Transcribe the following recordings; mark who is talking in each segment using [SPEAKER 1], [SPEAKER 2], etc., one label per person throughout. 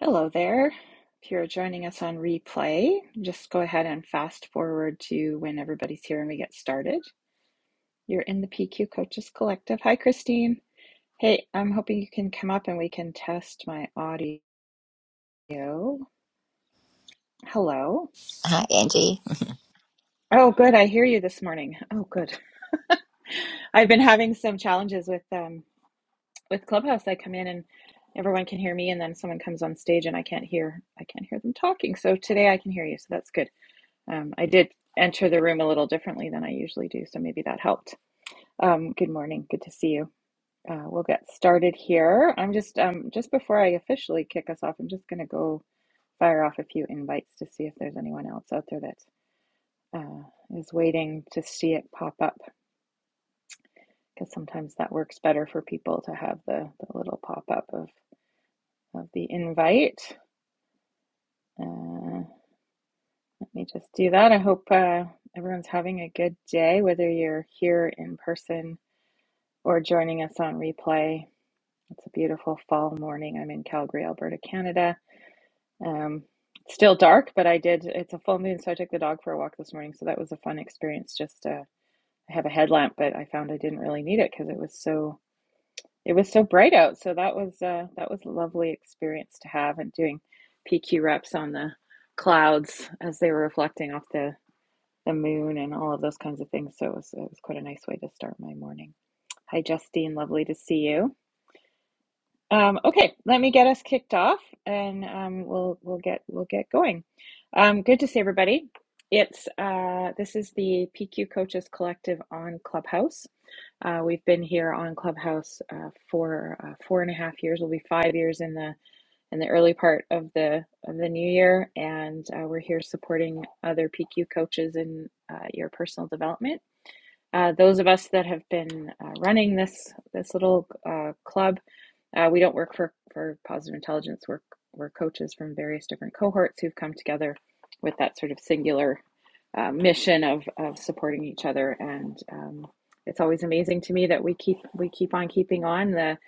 [SPEAKER 1] Hello there. If you're joining us on replay, just go ahead and fast forward to when everybody's here and we get started. You're in the PQ Coaches Collective. Hi, Christine. Hey, I'm hoping you can come up and we can test my audio. Hello.
[SPEAKER 2] Hi, Angie.
[SPEAKER 1] Oh, good. I hear you this morning. Oh, good. I've been having some challenges with um with Clubhouse. I come in and everyone can hear me, and then someone comes on stage and I can't hear I can't hear them talking. So today I can hear you, so that's good. Um, I did enter the room a little differently than I usually do, so maybe that helped. Um, good morning. Good to see you. Uh, we'll get started here. I'm just um, just before I officially kick us off, I'm just going to go fire off a few invites to see if there's anyone else out there that uh, is waiting to see it pop up. Because sometimes that works better for people to have the, the little pop up of, of the invite. Uh, let me just do that. I hope uh, everyone's having a good day, whether you're here in person or joining us on replay. It's a beautiful fall morning. I'm in Calgary, Alberta, Canada. Um, it's still dark, but I did. It's a full moon, so I took the dog for a walk this morning. So that was a fun experience. Just uh, I have a headlamp, but I found I didn't really need it because it was so it was so bright out. So that was uh, that was a lovely experience to have and doing PQ reps on the clouds as they were reflecting off the the moon and all of those kinds of things. So it was it was quite a nice way to start my morning. Hi, Justine. Lovely to see you. Um, okay, let me get us kicked off, and um, we'll we'll get we'll get going. Um, good to see everybody. It's uh, this is the PQ Coaches Collective on Clubhouse. Uh, we've been here on Clubhouse uh, for uh, four and a half years. We'll be five years in the in the early part of the of the new year, and uh, we're here supporting other PQ coaches in uh, your personal development. Uh, those of us that have been uh, running this this little uh, club, uh, we don't work for for Positive Intelligence. We're we're coaches from various different cohorts who've come together with that sort of singular uh, mission of of supporting each other. And um, it's always amazing to me that we keep we keep on keeping on. The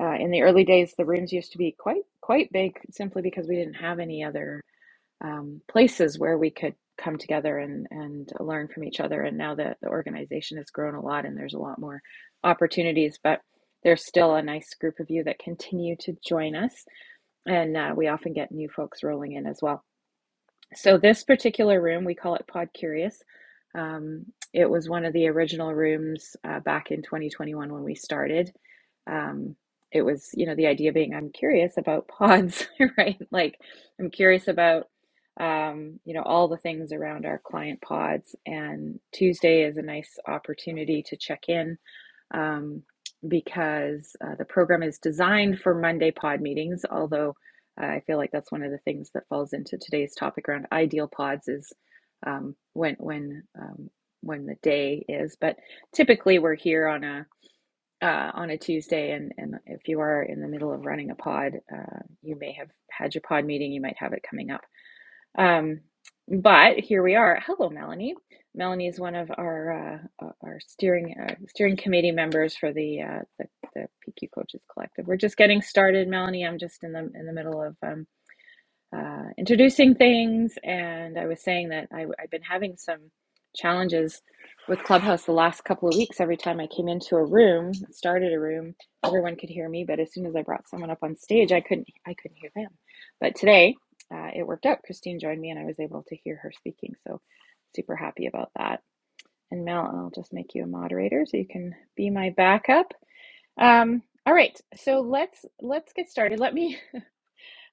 [SPEAKER 1] uh, in the early days, the rooms used to be quite quite big simply because we didn't have any other um, places where we could come together and, and learn from each other. And now that the organization has grown a lot and there's a lot more opportunities, but there's still a nice group of you that continue to join us. And uh, we often get new folks rolling in as well. So this particular room, we call it Pod Curious. Um, it was one of the original rooms uh, back in 2021 when we started. Um, it was, you know, the idea being I'm curious about pods, right? Like I'm curious about, um, you know, all the things around our client pods. And Tuesday is a nice opportunity to check in um, because uh, the program is designed for Monday pod meetings. Although uh, I feel like that's one of the things that falls into today's topic around ideal pods is um, when when um, when the day is. But typically, we're here on a uh, on a Tuesday, and and if you are in the middle of running a pod, uh, you may have had your pod meeting. You might have it coming up um, but here we are. Hello, Melanie. Melanie is one of our uh, uh, our steering uh, steering committee members for the, uh, the the PQ Coaches Collective. We're just getting started, Melanie. I'm just in the in the middle of um, uh, introducing things. And I was saying that I, I've been having some challenges with Clubhouse the last couple of weeks. Every time I came into a room, started a room, everyone could hear me, but as soon as I brought someone up on stage, I couldn't I couldn't hear them. But today, uh, it worked out. Christine joined me, and I was able to hear her speaking. So super happy about that. And Mel, I'll just make you a moderator so you can be my backup. Um, all right, so let's let's get started. Let me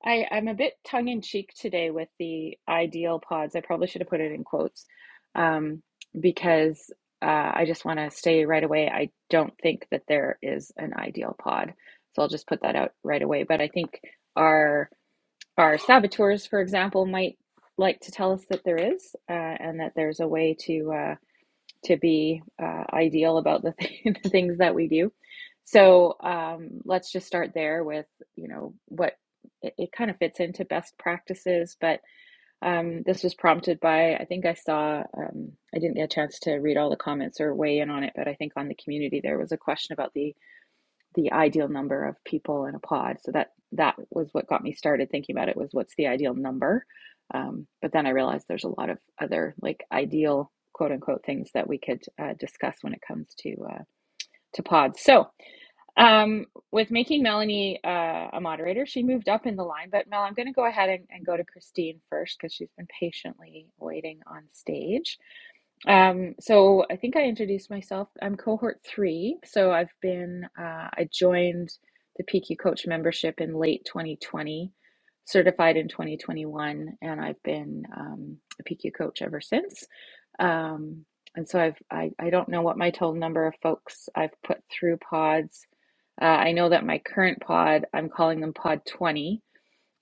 [SPEAKER 1] I, I'm a bit tongue in cheek today with the ideal pods. I probably should have put it in quotes um, because uh, I just want to say right away I don't think that there is an ideal pod. So I'll just put that out right away. But I think our our saboteurs, for example, might like to tell us that there is uh, and that there's a way to. uh, to be uh, ideal about the, th- the things that we do. So um, let's just start there with you know what it, it kind of fits into best practices. But um, this was prompted by I think I saw um, I didn't get a chance to read all the comments or weigh in on it, but I think on the community there was a question about the the ideal number of people in a pod. So that that was what got me started thinking about it was what's the ideal number. Um, but then I realized there's a lot of other like ideal quote unquote things that we could uh, discuss when it comes to uh, to pods. So um, with making Melanie uh, a moderator, she moved up in the line. But Mel, I'm going to go ahead and, and go to Christine first because she's been patiently waiting on stage. Um, so I think I introduced myself. I'm cohort three. So I've been, uh, I joined the PQ Coach membership in late 2020, certified in 2021, and I've been um, a PQ Coach ever since. Um, and so I've, I, I don't know what my total number of folks I've put through pods uh, I know that my current pod, I'm calling them Pod 20.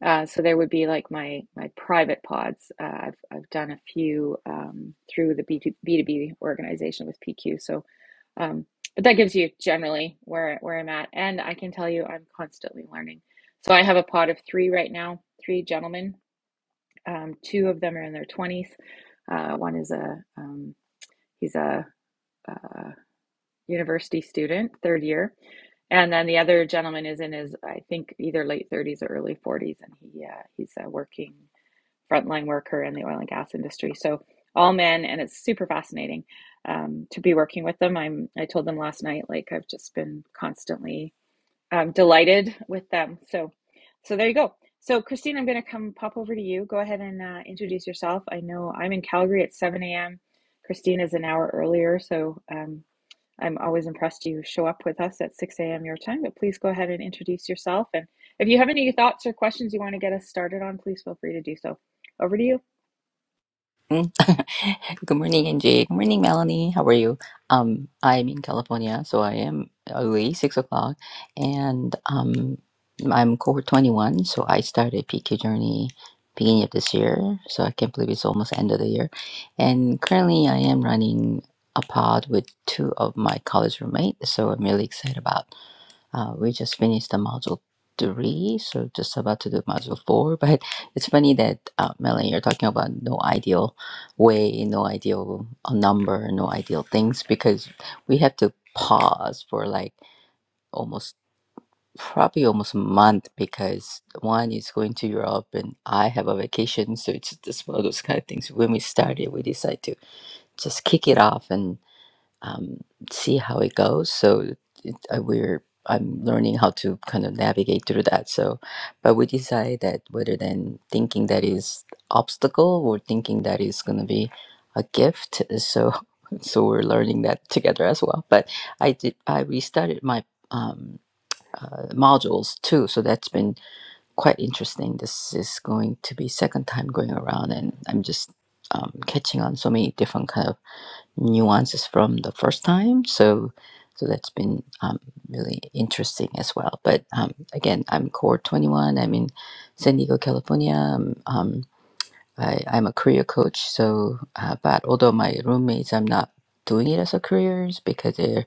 [SPEAKER 1] Uh, so there would be like my my private pods. Uh, I've I've done a few um, through the B2, B2B organization with PQ. So, um, but that gives you generally where where I'm at, and I can tell you I'm constantly learning. So I have a pod of three right now, three gentlemen. Um, two of them are in their 20s. Uh, one is a um, he's a, a university student, third year. And then the other gentleman is in his, I think, either late 30s or early 40s, and he uh, he's a working frontline worker in the oil and gas industry. So all men, and it's super fascinating um, to be working with them. I'm I told them last night, like I've just been constantly um, delighted with them. So so there you go. So Christine, I'm going to come pop over to you. Go ahead and uh, introduce yourself. I know I'm in Calgary at 7 a.m. Christine is an hour earlier, so um, I'm always impressed you show up with us at 6 a.m. your time, but please go ahead and introduce yourself. And if you have any thoughts or questions you want to get us started on, please feel free to do so. Over to you.
[SPEAKER 2] Mm. Good morning, Angie. Good morning, Melanie. How are you? Um, I'm in California, so I am early, six o'clock, and um, I'm cohort 21. So I started PK journey beginning of this year. So I can't believe it's almost end of the year, and currently I am running a pod with two of my college roommates. So I'm really excited about Uh, we just finished the module three, so just about to do module four. But it's funny that uh, Melanie, you're talking about no ideal way, no ideal uh, number, no ideal things, because we have to pause for like almost probably almost a month because one is going to Europe and I have a vacation, so it's just one of those kind of things. When we started, we decided to just kick it off and um, see how it goes. So it, uh, we're I'm learning how to kind of navigate through that. So, but we decide that rather than thinking that is obstacle or thinking that is going to be a gift, so so we're learning that together as well. But I did I restarted my um, uh, modules too, so that's been quite interesting. This is going to be second time going around, and I'm just um, catching on so many different kind of nuances from the first time. So, so that's been um, really interesting as well. But um, again, I'm Core 21. I'm in San Diego, California. Um, um, I, I'm a career coach. So, uh, but although my roommates, I'm not doing it as a careers because they're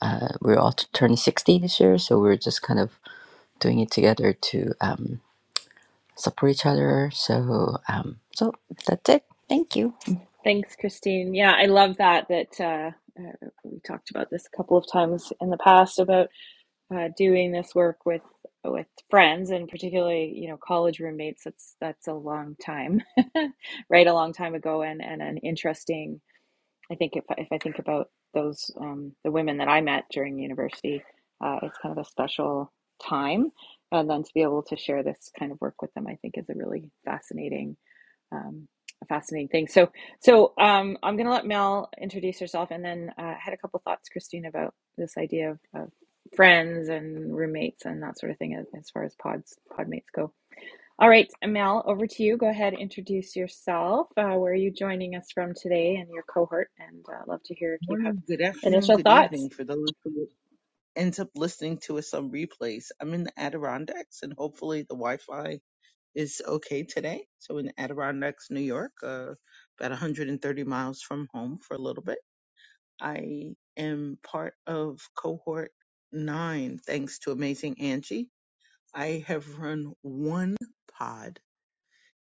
[SPEAKER 2] uh, we're all t- turning 60 this year. So we're just kind of doing it together to um, support each other. So, um, so that's it. Thank you.
[SPEAKER 1] Thanks, Christine. Yeah, I love that. That uh, uh, we talked about this a couple of times in the past about uh, doing this work with with friends and particularly you know college roommates. That's that's a long time, right? A long time ago, and and an interesting I think if if I think about those um, the women that I met during university, uh, it's kind of a special time, and then to be able to share this kind of work with them, I think is a really fascinating um, a fascinating thing. So so um, I'm going to let Mel introduce herself, and then uh, I uh, had a couple thoughts, Christine, about this idea of, of friends and roommates and that sort of thing as, as far as pods podmates go. All right, Mel, over to you. Go ahead, introduce yourself. Uh, where are you joining us from today and your cohort? And uh, love to hear if you have
[SPEAKER 3] Morning, good afternoon,
[SPEAKER 1] initial
[SPEAKER 3] good
[SPEAKER 1] thoughts.
[SPEAKER 3] evening for those who ends up listening to us on replays. I'm in the Adirondacks and hopefully the Wi-Fi is okay today. So in the Adirondacks, New York, uh, about 130 miles from home for a little bit. I am part of cohort nine, thanks to Amazing Angie. I have run one pod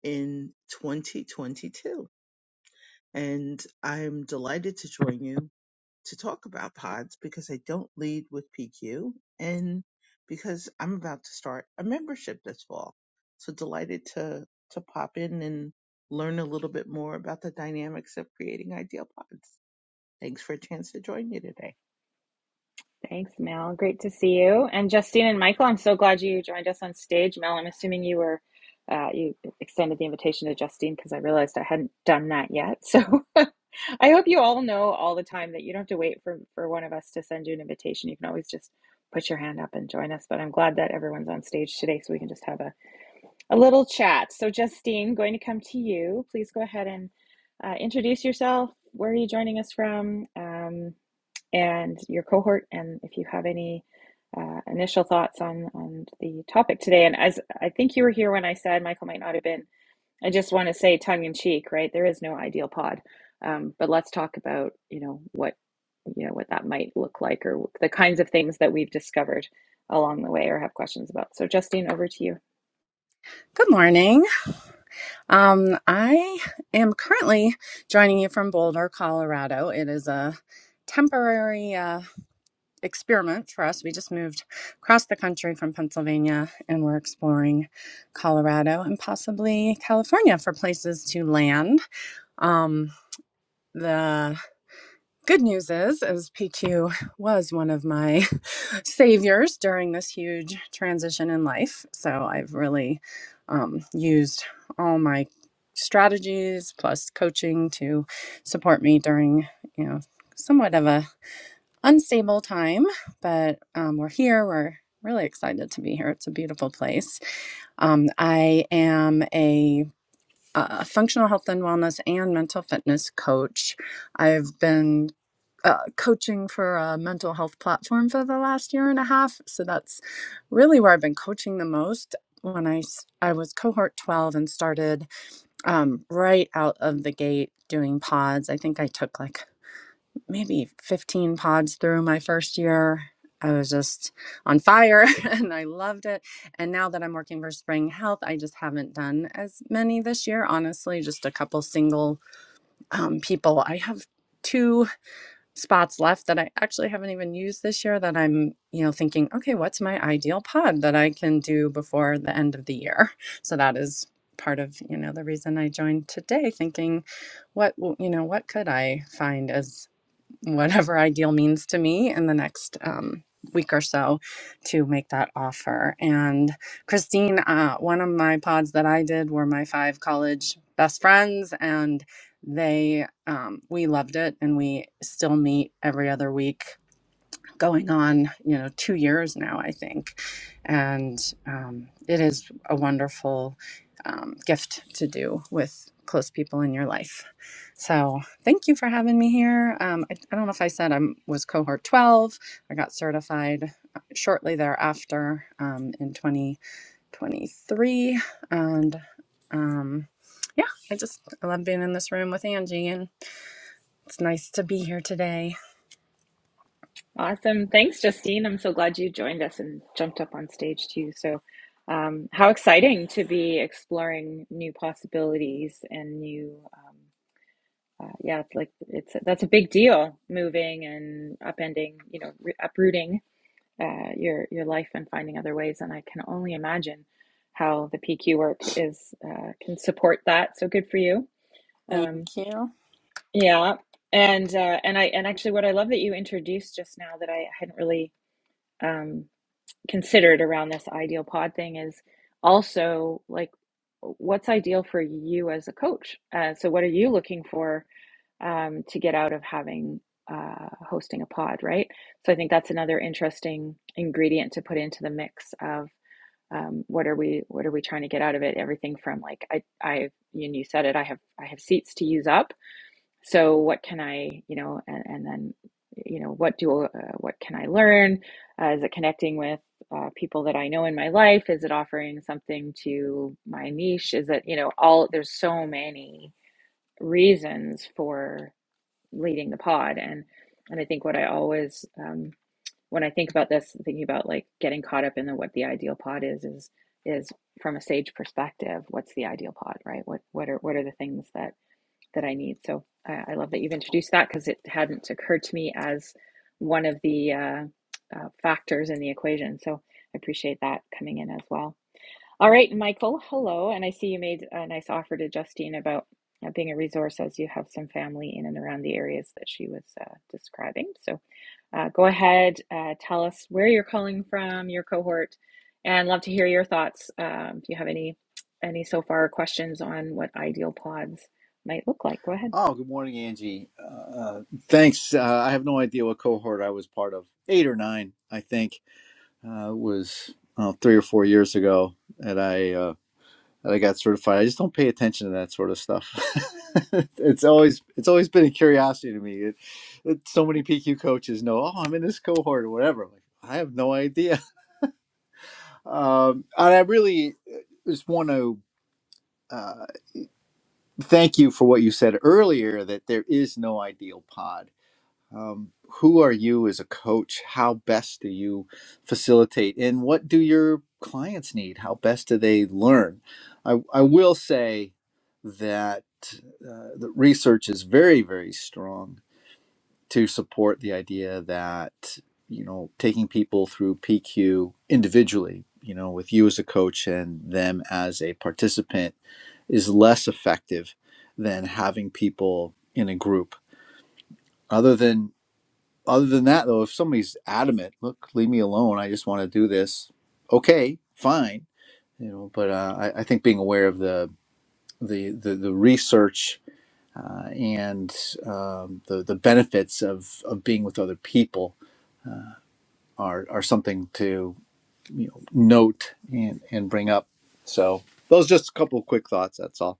[SPEAKER 3] in 2022 and I'm delighted to join you to talk about pods because I don't lead with PQ and because I'm about to start a membership this fall. So delighted to to pop in and learn a little bit more about the dynamics of creating ideal pods. Thanks for a chance to join me today.
[SPEAKER 1] Thanks, Mel. Great to see you. And Justine and Michael, I'm so glad you joined us on stage. Mel, I'm assuming you were uh, you extended the invitation to Justine because I realized I hadn't done that yet. So I hope you all know all the time that you don't have to wait for for one of us to send you an invitation. You can always just put your hand up and join us. But I'm glad that everyone's on stage today, so we can just have a a little chat. So, Justine, going to come to you. Please go ahead and uh, introduce yourself. Where are you joining us from? Um, and your cohort, and if you have any uh, initial thoughts on on the topic today. And as I think you were here when I said Michael might not have been, I just want to say tongue in cheek, right? There is no ideal pod, um, but let's talk about you know what you know what that might look like, or the kinds of things that we've discovered along the way, or have questions about. So, Justine, over to you.
[SPEAKER 4] Good morning. Um, I am currently joining you from Boulder, Colorado. It is a temporary uh, experiment for us. We just moved across the country from Pennsylvania and we're exploring Colorado and possibly California for places to land. Um, the Good news is, is PQ was one of my saviors during this huge transition in life. So I've really um, used all my strategies plus coaching to support me during, you know, somewhat of a unstable time. But um, we're here. We're really excited to be here. It's a beautiful place. Um, I am a a functional health and wellness and mental fitness coach. I've been uh, coaching for a mental health platform for the last year and a half. So that's really where I've been coaching the most. When I I was cohort 12 and started um, right out of the gate doing pods, I think I took like maybe 15 pods through my first year. I was just on fire and I loved it. And now that I'm working for Spring Health, I just haven't done as many this year, honestly, just a couple single um, people. I have two spots left that I actually haven't even used this year that I'm, you know, thinking, okay, what's my ideal pod that I can do before the end of the year? So that is part of, you know, the reason I joined today thinking what, you know, what could I find as whatever ideal means to me in the next um, week or so to make that offer. And Christine, uh, one of my pods that I did were my five college best friends, and they um, we loved it, and we still meet every other week going on, you know, two years now, I think. And um, it is a wonderful um, gift to do with close people in your life. So thank you for having me here. Um, I, I don't know if I said I was cohort 12. I got certified uh, shortly thereafter um, in 2023. And um, yeah, I just I love being in this room with Angie, and it's nice to be here today.
[SPEAKER 1] Awesome. Thanks, Justine. I'm so glad you joined us and jumped up on stage too. So, um, how exciting to be exploring new possibilities and new, um, uh, yeah, it's like it's that's a big deal, moving and upending, you know, re- uprooting uh, your your life and finding other ways. And I can only imagine how the PQ work is uh, can support that. So good for you. Um,
[SPEAKER 4] Thank you.
[SPEAKER 1] yeah, and uh, and I and actually, what I love that you introduced just now that I hadn't really. Um, considered around this ideal pod thing is also like what's ideal for you as a coach uh, so what are you looking for um, to get out of having uh, hosting a pod right so i think that's another interesting ingredient to put into the mix of um, what are we what are we trying to get out of it everything from like i i you, you said it i have i have seats to use up so what can i you know and, and then you know what do uh, what can i learn uh, is it connecting with uh, people that i know in my life is it offering something to my niche is it you know all there's so many reasons for leading the pod and and i think what i always um, when i think about this thinking about like getting caught up in the what the ideal pod is is is from a sage perspective what's the ideal pod right what what are what are the things that that I need. So I, I love that you've introduced that because it hadn't occurred to me as one of the uh, uh, factors in the equation. So I appreciate that coming in as well. All right, Michael, hello. And I see you made a nice offer to Justine about uh, being a resource as you have some family in and around the areas that she was uh, describing. So uh, go ahead, uh, tell us where you're calling from, your cohort, and love to hear your thoughts. Um, if you have any any so far questions on what ideal pods might look like, go ahead.
[SPEAKER 5] Oh, good morning, Angie. Uh, uh, thanks. Uh, I have no idea what cohort I was part of. Eight or nine, I think, uh, was uh, three or four years ago that I uh, that I got certified. I just don't pay attention to that sort of stuff. it's always it's always been a curiosity to me. It, it, so many PQ coaches know, oh, I'm in this cohort or whatever. I'm like, I have no idea. Um, and I really uh, just want to uh, thank you for what you said earlier that there is no ideal pod um, who are you as a coach how best do you facilitate and what do your clients need how best do they learn i, I will say that uh, the research is very very strong to support the idea that you know taking people through pq individually you know with you as a coach and them as a participant is less effective than having people in a group other than other than that though if somebody's adamant look leave me alone i just want to do this okay fine you know but uh, I, I think being aware of the the the, the research uh, and um, the the benefits of of being with other people are are something to you know note and and bring up so those are just a couple of quick thoughts that's all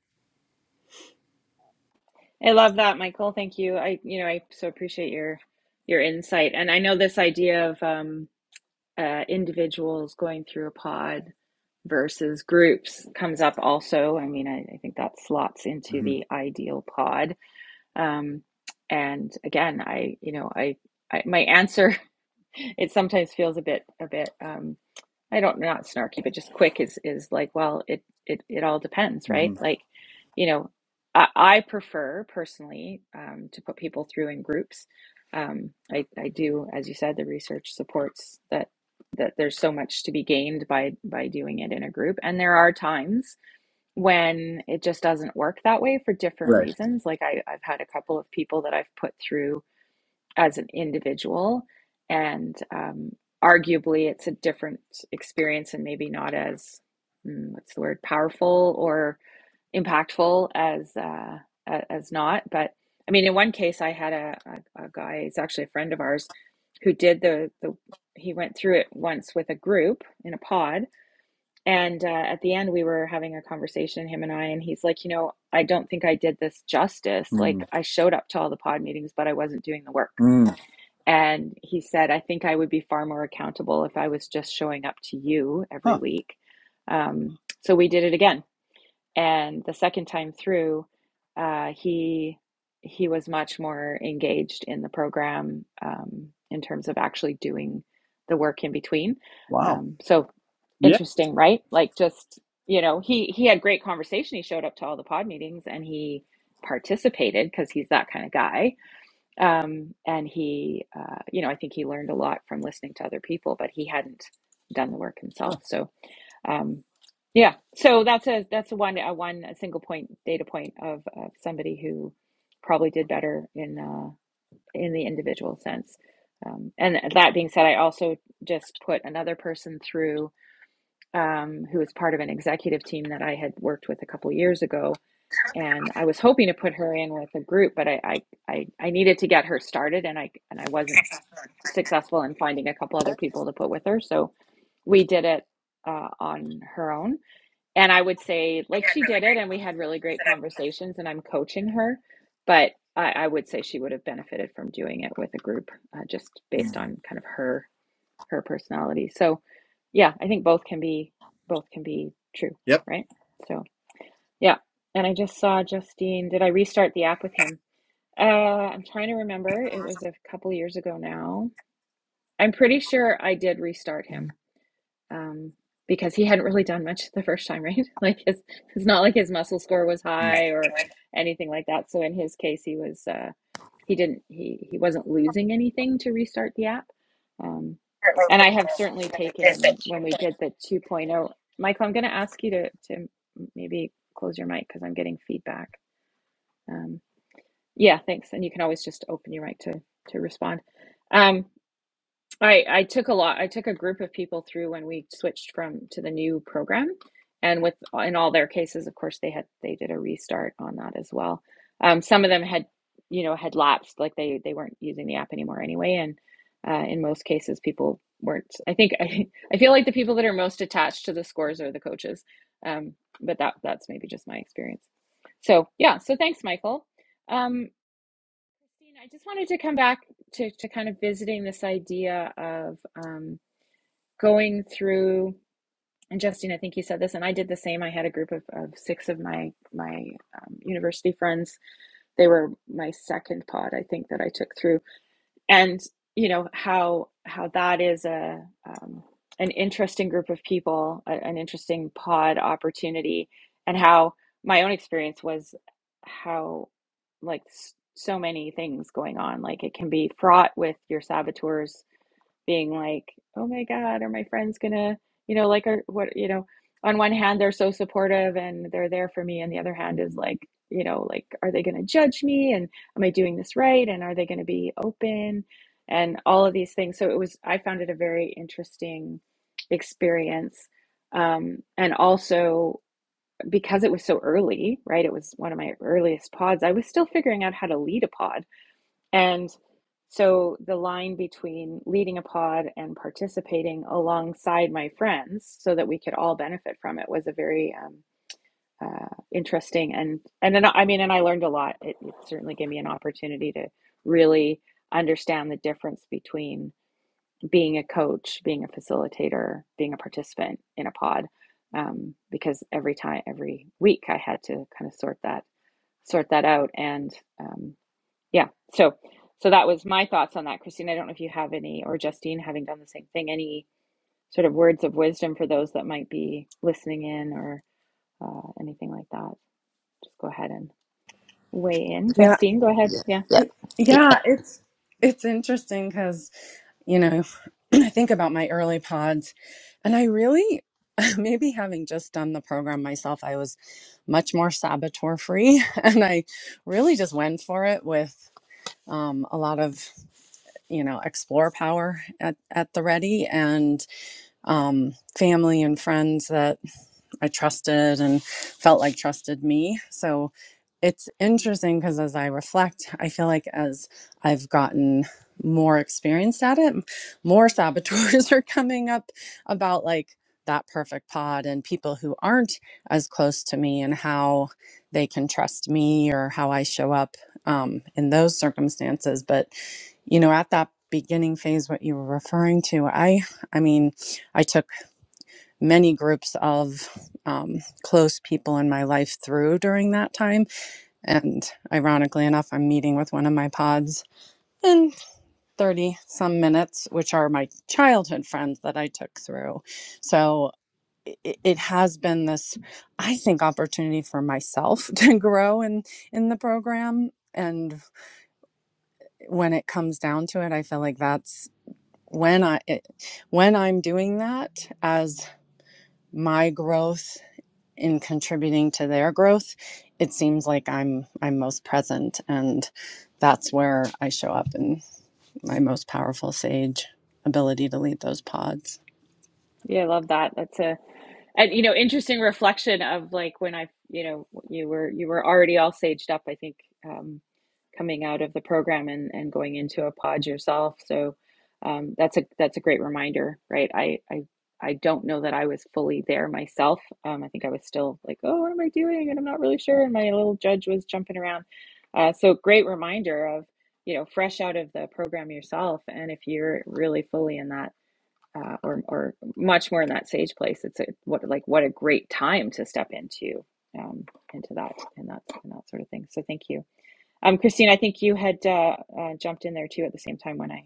[SPEAKER 1] I love that, Michael. Thank you. I, you know, I so appreciate your your insight. And I know this idea of um, uh, individuals going through a pod versus groups comes up also. I mean, I, I think that slots into
[SPEAKER 5] hmm
[SPEAKER 1] the ideal pod. Um, and again, I, you know, I, I my answer it sometimes feels a bit a bit um, I don't not snarky, but just quick is is like, well, it it it all depends, right?
[SPEAKER 5] hmm
[SPEAKER 1] Like, you know, I, I prefer personally um, to put people through in groups. Um, I I do, as you said, the research supports that that there's so much to be gained by by doing it in a group, and there are times when it just doesn't work that way for different
[SPEAKER 5] right
[SPEAKER 1] reasons. Like I I've had a couple of people that I've put through as an individual. And um, arguably, it's a different experience and maybe not as, mm, what's the word, powerful or impactful as, uh, as not. But I mean, in one case, I had a, a, a guy, he's actually a friend of ours, who did the, the, he went through it once with a group in a pod. And uh, at the end, we were having a conversation, him and I, and he's like, you know, I don't think I did this justice.
[SPEAKER 5] mm
[SPEAKER 1] Like, I showed up to all the pod meetings, but I wasn't doing the work
[SPEAKER 5] mm
[SPEAKER 1] and he said, I think I would be far more accountable if I was just showing up to you every
[SPEAKER 5] huh
[SPEAKER 1] week. Um, so we did it again. And the second time through, uh, he he was much more engaged in the program um, in terms of actually doing the work in between.
[SPEAKER 5] wow
[SPEAKER 1] Um, so
[SPEAKER 5] yeah
[SPEAKER 1] interesting, right? Like just, you know, he he had great conversation. He showed up to all the pod meetings and he participated because he's that kind of guy um, and he, uh, you know, I think he learned a lot from listening to other people, but he hadn't done the work himself.
[SPEAKER 5] huh.
[SPEAKER 1] So, um, yeah, so that's a that's a one a one a single point data point of, of somebody who probably did better in uh, in the individual sense. Um, and that being said, I also just put another person through um, who was part of an executive team that I had worked with a couple years ago and I was hoping to put her in with a group, but I, I, I, I needed to get her started, and I and I wasn't successful in finding a couple other people to put with her. So we did it uh, on her own, and I would say like she did it, and we had really great conversations, and I'm coaching her, but I, I would say she would have benefited from doing it with a group, uh, just based
[SPEAKER 5] Mm.
[SPEAKER 1] on kind of her her personality. So yeah, I think both can be both can be true,
[SPEAKER 5] yep
[SPEAKER 1] right? So. Yeah. And I just saw Justine. Did I restart the app with him? Uh, I'm trying to remember. It was a couple years ago now. I'm pretty sure I did restart him um, because he hadn't really done much the first time, right? Like his, it's not like his muscle score was high or
[SPEAKER 5] Mm.
[SPEAKER 1] anything like that. So in his case, he was uh, he didn't he he wasn't losing anything to restart the app. Um,
[SPEAKER 5] certainly
[SPEAKER 1] and I have
[SPEAKER 5] progress
[SPEAKER 1] certainly
[SPEAKER 5] and exist
[SPEAKER 1] taken
[SPEAKER 5] at two
[SPEAKER 1] when we
[SPEAKER 5] point
[SPEAKER 1] did the 2.0. Michael, I'm going to ask you to to maybe close your mic because I'm getting feedback. Um, yeah, thanks. And you can always just open your mic to to respond. Um, I I took a lot. I took a group of people through when we switched from to the new program, and with in all their cases, of course, they had they did a restart on that as well. Um, some of them had, you know, had lapsed, like they they weren't using the app anymore anyway, and uh, in most cases, people weren't. I think I I feel like the people that are most attached to the scores are the coaches, um, but that that's maybe just my experience. So yeah, so thanks, Michael. Um, Christine, I just wanted to come back to, to kind of visiting this idea of um, going through, and Justine, I think you said this, and I did the same. I had a group of, of six of my my um, university friends. They were my second pod, I think, that I took through and you know how how that is a um, an interesting group of people a, an interesting pod opportunity and how my own experience was how like so many things going on like it can be fraught with your saboteurs being like, oh my God, are my friends gonna, you know, like, are what, you know, on one hand, they're so supportive and they're there for me. And the other hand is like, you know, like, are they gonna judge me? And am I doing this right? And are they gonna be open? And all of these things. So it was, I found it a very interesting experience. Um, and also because it was so early, right? It was one of my earliest pods. I was still figuring out how to lead a pod and so the line between leading a pod and participating alongside my friends so that we could all benefit from it was a very um, uh, interesting and and then I mean and I learned a lot. It, it certainly gave me an opportunity to really understand the difference between being a coach, being a facilitator, being a participant in a pod. Um, because every time, every week, I had to kind of sort that sort that out, and um, yeah. So, so that was my thoughts on that, Christine. I don't know if you have any, or Justine, having done the same thing, any sort of words of wisdom for those that might be listening in or uh, anything like that. Just go ahead and weigh in. Justine, go ahead. Yeah.
[SPEAKER 2] Yeah.
[SPEAKER 4] Yeah, it's it's interesting because, you know, I think about my early pods and I really maybe having just done the program myself, I was much more saboteur free and I really just went for it with um, a lot of, you know, explore power at, at the ready and um, family and friends that I trusted and felt like trusted me. So it's interesting because as I reflect, I feel like as I've gotten more experienced at it, more saboteurs are coming up about like that perfect pod and people who aren't as close to me and how they can trust me or how I show up um, in those circumstances. But you know, at that beginning phase, what you were referring to, I, I mean, I took many groups of um, close people in my life through during that time. And ironically enough, I'm meeting with one of my pods in 30 some minutes, which are my childhood friends that I took through. So it, it has been this, I think, opportunity for myself to grow in, in the program. And when it comes down to it, I feel like that's when I, it, when I'm doing that as my growth in contributing to their growth, it seems like I'm I'm most present and that's where I show up in my most powerful sage ability to lead those pods.
[SPEAKER 1] Yeah. I love that. That's a, and you know interesting reflection of like when i you know you were you were already all saged up i think um, coming out of the program and and going into a pod yourself so um, that's a that's a great reminder right i i i don't know that i was fully there myself um, i think i was still like oh what am i doing and i'm not really sure and my little judge was jumping around uh, so great reminder of you know fresh out of the program yourself and if you're really fully in that uh, or or much more in that sage place. It's a, what like what a great time to step into um, into that and that and that sort of thing. So thank you, um, Christine. I think you had uh, uh, jumped in there too at the same time when I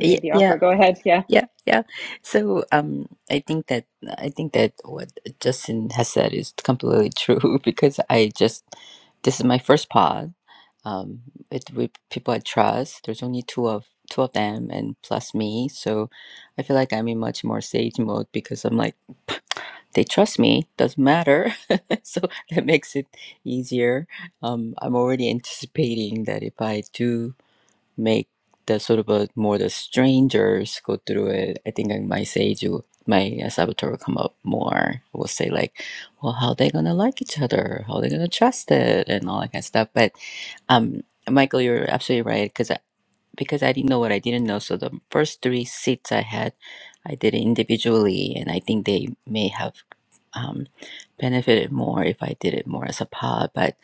[SPEAKER 1] uh, made the
[SPEAKER 2] Yeah.
[SPEAKER 1] offer. Go ahead. Yeah,
[SPEAKER 2] Yeah, yeah. So, um, I think that I think that what Justin has said is completely true because I just this is my first pod, um, it with people I trust. There's only two of two of them and plus me, so I feel like I'm in much more sage mode because I'm like they trust me. Doesn't matter, so that makes it easier. Um, I'm already anticipating that if I do make the sort of a, more the strangers go through it, I think in my sage, you- my uh, saboteur will come up more. Will say like, well, how they gonna like each other? How they gonna trust it? And all that kind of stuff. But um, Michael, you're absolutely right because I, because I didn't know what I didn't know. So the first three seats I had, I did it individually, and I think they may have um, benefited more if I did it more as a pod, but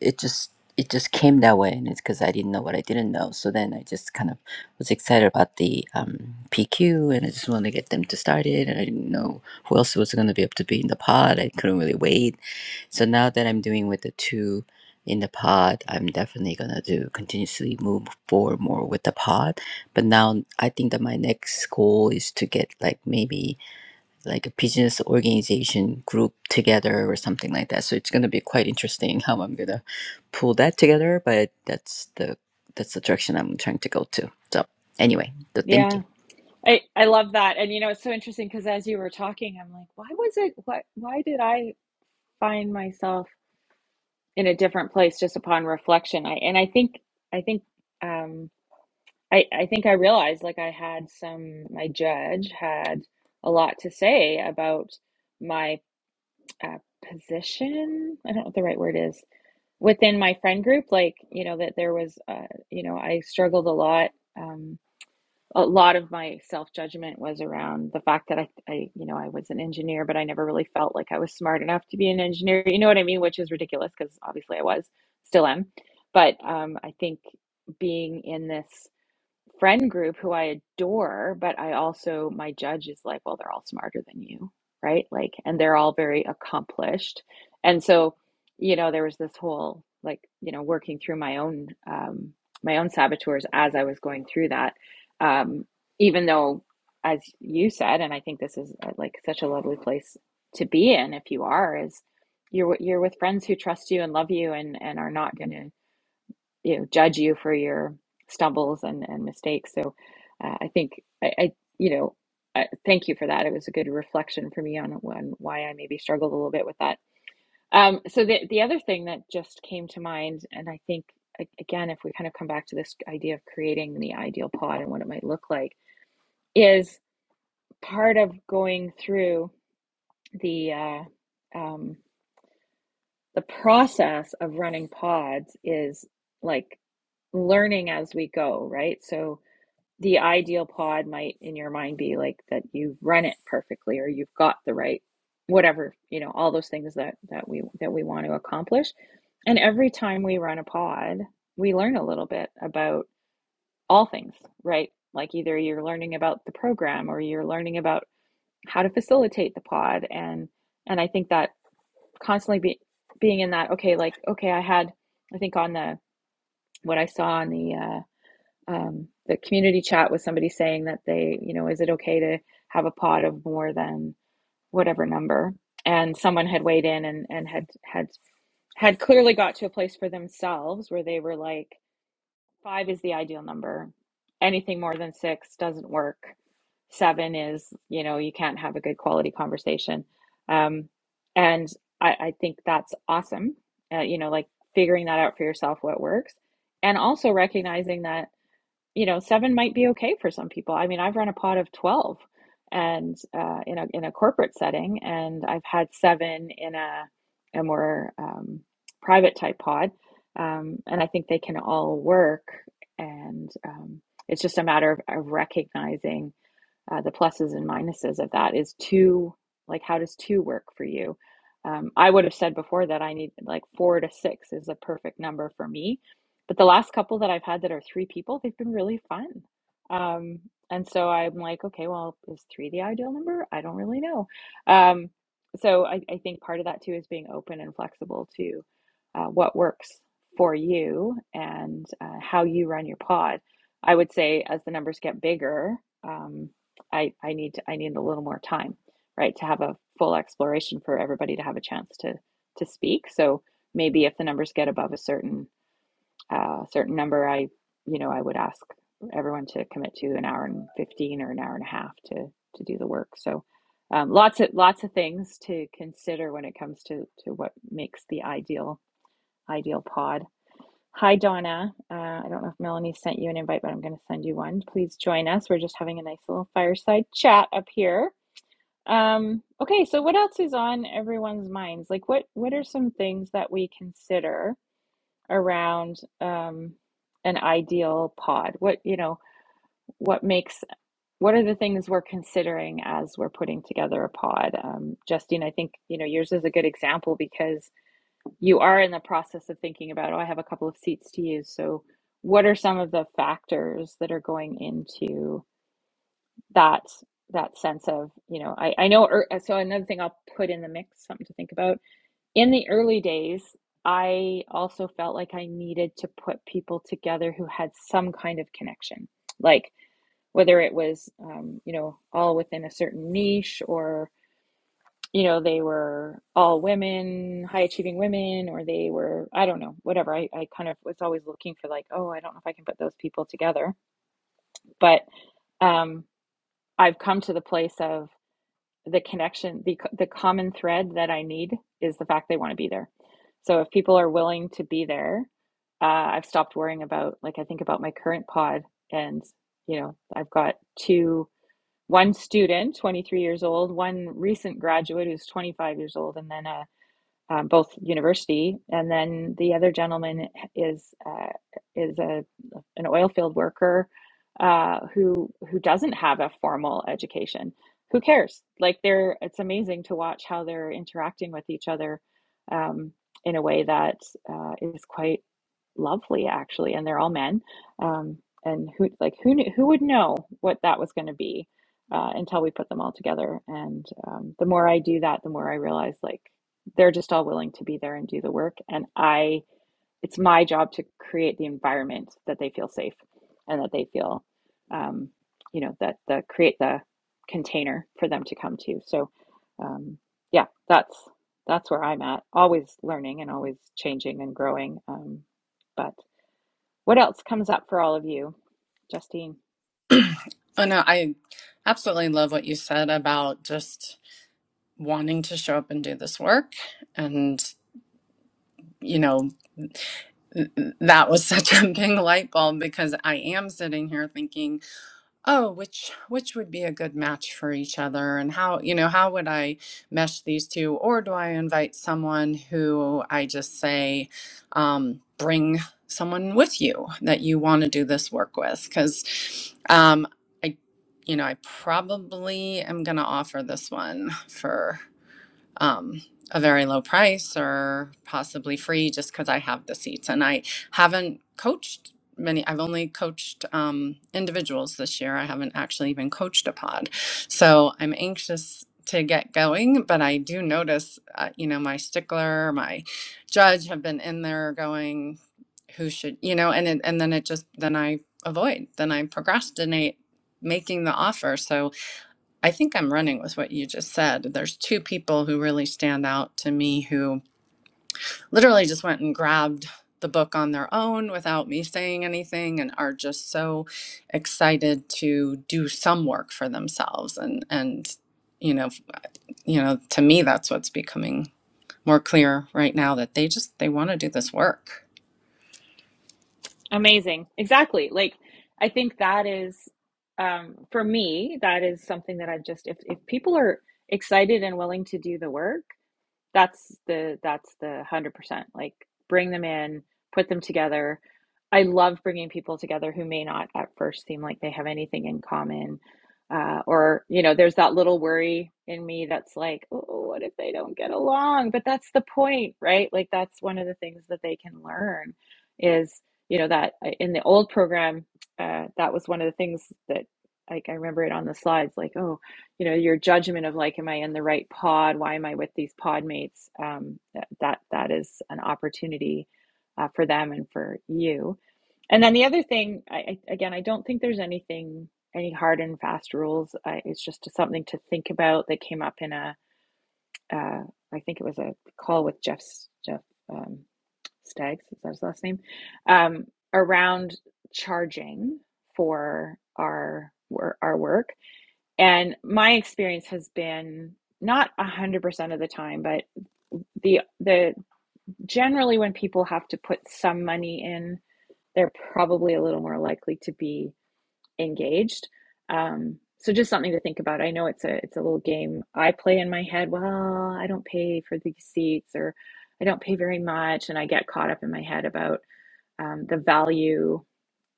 [SPEAKER 2] it just it just came that way, and it's because I didn't know what I didn't know. So then I just kind of was excited about the um, PQ, and I just wanted to get them to start it, and I didn't know who else was going to be able to be in the pod. I couldn't really wait. So now that I'm doing with the two in the pod, I'm definitely gonna do continuously move forward more with the pod. But now I think that my next goal is to get like maybe like a business organization group together or something like that. So it's going to be quite interesting how I'm going to pull that together, but that's the that's the direction I'm trying to go to. So anyway, so thank you.
[SPEAKER 1] yeah. I I love that, and you know it's so interesting because as you were talking, I'm like, why was it? What? Why did I find myself in a different place just upon reflection? I and I think I think. Um, I, I think I realized like I had some, my judge had a lot to say about my uh, position. I don't know what the right word is within my friend group. Like, you know, that there was, uh, you know, I struggled a lot. Um, a lot of my self-judgment was around the fact that I, I, you know, I was an engineer, but I never really felt like I was smart enough to be an engineer. You know what I mean? Which is ridiculous because obviously I was, still am. But um, I think being in this friend group who I adore, but I also, my judge is like, well, they're all smarter than you, right? Like, and they're all very accomplished. And so, you know, there was this whole, like, you know, working through my own, um, my own saboteurs as I was going through that. Um, even though, as you said, and I think this is uh, like such a lovely place to be in if you are, is you're, w- you're with friends who trust you and love you and, and are not going to you know judge you for your stumbles and, and mistakes so uh, i think i, I you know I, thank you for that it was a good reflection for me on, on why i maybe struggled a little bit with that um, so the, the other thing that just came to mind and i think a- again if we kind of come back to this idea of creating the ideal pod and what it might look like is part of going through the uh, um, the process of running pods is like learning as we go right so the ideal pod might in your mind be like that you've run it perfectly or you've got the right whatever you know all those things that that we that we want to accomplish and every time we run a pod we learn a little bit about all things right like either you're learning about the program or you're learning about how to facilitate the pod and and i think that constantly be, being in that okay like okay i had i think on the what i saw on the uh, um, the community chat was somebody saying that they, you know, is it okay to have a pot of more than whatever number? And someone had weighed in and, and had had had clearly got to a place for themselves where they were like, five is the ideal number. Anything more than six doesn't work. Seven is, you know, you can't have a good quality conversation. Um, and I, I think that's awesome. Uh, you know, like figuring that out for yourself, what works, and also recognizing that you know, seven might be okay for some people. I mean, I've run a pod of 12 and uh, in a in a corporate setting, and I've had seven in a a more um, private type pod, um, and I think they can all work. And um, it's just a matter of, of recognizing uh, the pluses and minuses of that is two like how does two work for you um, i would have said before that i need like four to six is a perfect number for me but the last couple that i've had that are three people they've been really fun um, and so i'm like okay well is three the ideal number i don't really know um, so I, I think part of that too is being open and flexible to uh, what works for you and uh, how you run your pod i would say as the numbers get bigger um, I I need to, I need a little more time, right, to have a full exploration for everybody to have a chance to to speak. So maybe if the numbers get above a certain uh, certain number, I you know I would ask everyone to commit to an hour and fifteen or an hour and a half to to do the work. So um, lots of lots of things to consider when it comes to to what makes the ideal ideal pod. Hi Donna, uh, I don't know if Melanie sent you an invite, but I'm going to send you one. Please join us. We're just having a nice little fireside chat up here um, okay, so what else is on everyone's minds? Like what what are some things that we consider around um an ideal pod? What, you know, what makes what are the things we're considering as we're putting together a pod? Um, Justine, I think, you know, yours is a good example because you are in the process of thinking about, oh, I have a couple of seats to use. So what are some of the factors that are going into that that sense of you know i i know ear- uh, so another thing i'll put in the mix something to think about in the early days i also felt like i needed to put people together who had some kind of connection like whether it was um, you know all within a certain niche or you know they were all women high achieving women or they were i don't know whatever I, I kind of was always looking for like oh i don't know if i can put those people together but um, I've come to the place of the connection, the, the common thread that I need is the fact they want to be there. So if people are willing to be there, uh, I've stopped worrying about, like, I think about my current pod and, you know, I've got two, one student, 23 years old, one recent graduate who's 25 years old, and then a um, both university, and then the other gentleman is uh, is a an oil field worker uh, who who doesn't have a formal education. Who cares? Like they're it's amazing to watch how they're interacting with each other um, in a way that uh, is quite lovely, actually. And they're all men, um, and who like who knew, who would know what that was going to be uh, until we put them all together. And um, the more I do that, the more I realize like they're just all willing to be there and do the work and i it's my job to create the environment that they feel safe and that they feel um, you know that the create the container for them to come to so um, yeah that's that's where i'm at always learning and always changing and growing um, but what else comes up for all of you justine
[SPEAKER 4] Oh no, I absolutely love what you said about just wanting to show up and do this work. And, you know, that was such a big light bulb because I am sitting here thinking oh which which would be a good match for each other and how you know how would i mesh these two or do i invite someone who i just say um, bring someone with you that you want to do this work with because um, i you know i probably am going to offer this one for um, a very low price or possibly free just because I have the seats. And I haven't coached many, I've only coached um, individuals this year. I haven't actually even coached a pod. So I'm anxious to get going, but I do notice, uh, you know, my stickler, my judge have been in there going, who should, you know, and it, and then it just, then I avoid, then I procrastinate making the offer. So I think I'm running with what you just said. There's two people who really stand out to me who literally just went and grabbed the book on their own without me saying anything and are just so excited to do some work for themselves and and you know you know to me that's what's becoming more clear right now that they just they want to do this work.
[SPEAKER 1] Amazing. Exactly. Like I think that is um for me that is something that I've just if if people are excited and willing to do the work, that's the that's the 100%. Like bring them in, put them together. I love bringing people together who may not at first seem like they have anything in common. Uh, or, you know, there's that little worry in me that's like, oh, what if they don't get along? But that's the point, right? Like, that's one of the things that they can learn is, you know, that uh, in the old program, uh, that was one of the things that, like, I remember it on the slides, like, oh, you know your judgment of like am i in the right pod why am i with these pod mates um, that, that that is an opportunity uh, for them and for you and then the other thing I, again i don't think there's anything any hard and fast rules I, it's just something to think about that came up in a uh, i think it was a call with Jeff jeff um, staggs is that his last name um, around charging for our our work and my experience has been not 100% of the time, but the the generally when people have to put some money in, they're probably a little more likely to be engaged. Um, so just something to think about. I know it's a it's a little game I play in my head. Well, I don't pay for these seats or I don't pay very much and I get caught up in my head about um, the value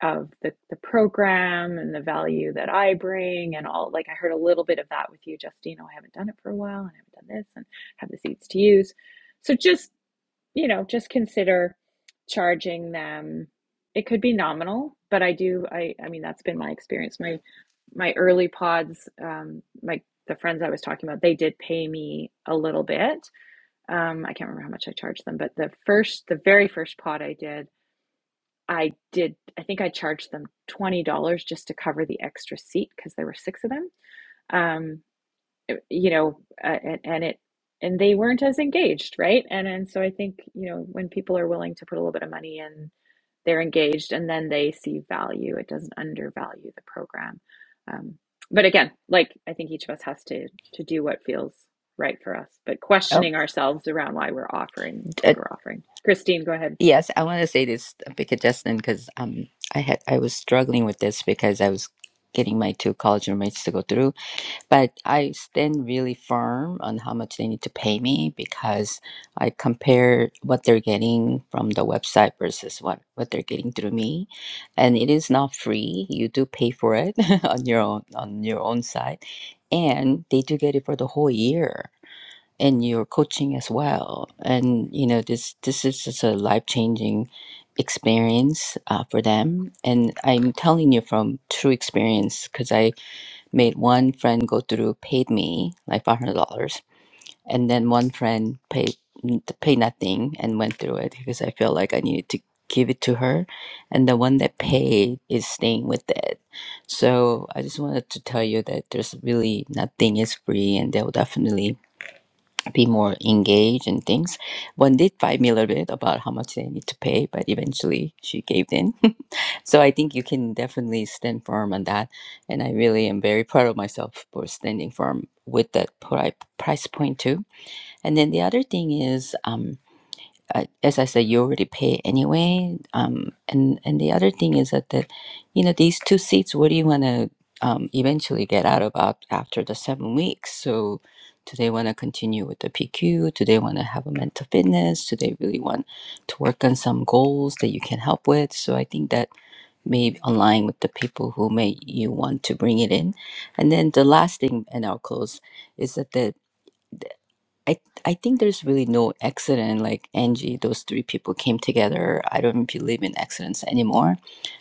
[SPEAKER 1] of the, the program and the value that I bring and all like I heard a little bit of that with you, Justine. Oh, I haven't done it for a while and I haven't done this and have the seats to use. So just, you know, just consider charging them. It could be nominal, but I do I I mean that's been my experience. My my early pods, um, my the friends I was talking about, they did pay me a little bit. Um, I can't remember how much I charged them, but the first the very first pod I did I did, I think I charged them $20 just to cover the extra seat because there were six of them. Um, eh, you know, uh, and, and it, and they weren't as engaged, right? And and so I think, you know, when people are willing to put a little bit of money in, they're engaged and then they see value. It doesn't undervalue the program. Um, but again, like I think each of us has to to do what feels right for us, but
[SPEAKER 2] Oh,
[SPEAKER 1] questioning ourselves around why we're offering
[SPEAKER 2] uh,
[SPEAKER 1] what we're offering. Christine, go ahead.
[SPEAKER 2] yes, I want to say this big adjustment because um I had I was struggling with this because I was getting my two college roommates to go through but I stand really firm on how much they need to pay me because I compare what they're getting from the website versus what, what they're getting through me. And it is not free. You do pay for it on your own on your own side. And they do get it for the whole year and your coaching as well. And you know, this this is just a life changing experience uh, for them. And I'm telling you from true experience because I made one friend go through, paid me like five hundred dollars, and then one friend paid paid nothing and went through it because I feel like I needed to give it to her, and the one that paid is staying with it. So I just wanted to tell you that there's really nothing is free, and they'll definitely be more engaged in things. One did fight me a little bit about how much they need to pay, but eventually she gave in so I think you can definitely stand firm on that. And I really am very proud of myself for standing firm with that pri- price point too. And then the other thing is, um, uh, as I said, you already pay anyway. Um, and, and the other thing is that, the, you know, these two seats, what do you want to um, eventually get out of up after the seven weeks? So do they want to continue with the PQ? Do they want to have a mental fitness? Do they really want to work on some goals that you can help with? So I think that may align with the people who may you want to bring it in. And then the last thing, and I'll close, is that the I I think there's really no accident like Angie. Those three people came together. I don't believe in accidents anymore,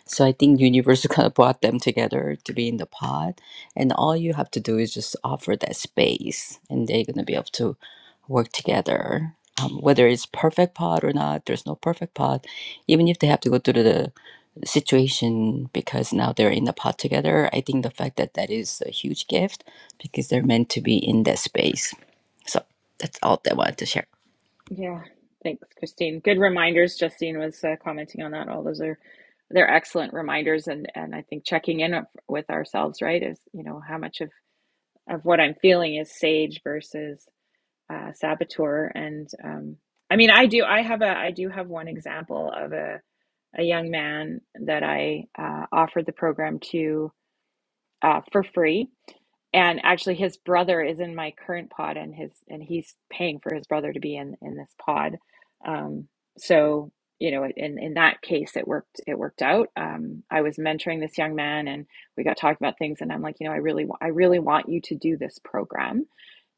[SPEAKER 2] so I think universe kind of brought them together to be in the pod, and all you have to do is just offer that space, and they're gonna be able to work together. Um, whether it's perfect pod or not, there's no perfect pod. Even if they have to go through the situation because now they're in the pod together, I think the fact that that is a huge gift because they're meant to be in that space. So that's all that I wanted to share.
[SPEAKER 1] Yeah, thanks, Christine. Good reminders. Justine was uh, commenting on that. All those are they're excellent reminders, and and I think checking in of- with ourselves, right, is you know how much of of what I'm feeling is sage versus uh, saboteur. And um, I mean, I do I have a I do have one example of a a young man that I uh, offered the program to uh, for free and actually his brother is in my current pod and his and he's paying for his brother to be in in this pod um so you know in in that case it worked it worked out um i was mentoring this young man and we got talking about things and i'm like you know i really wa- i really want you to do this program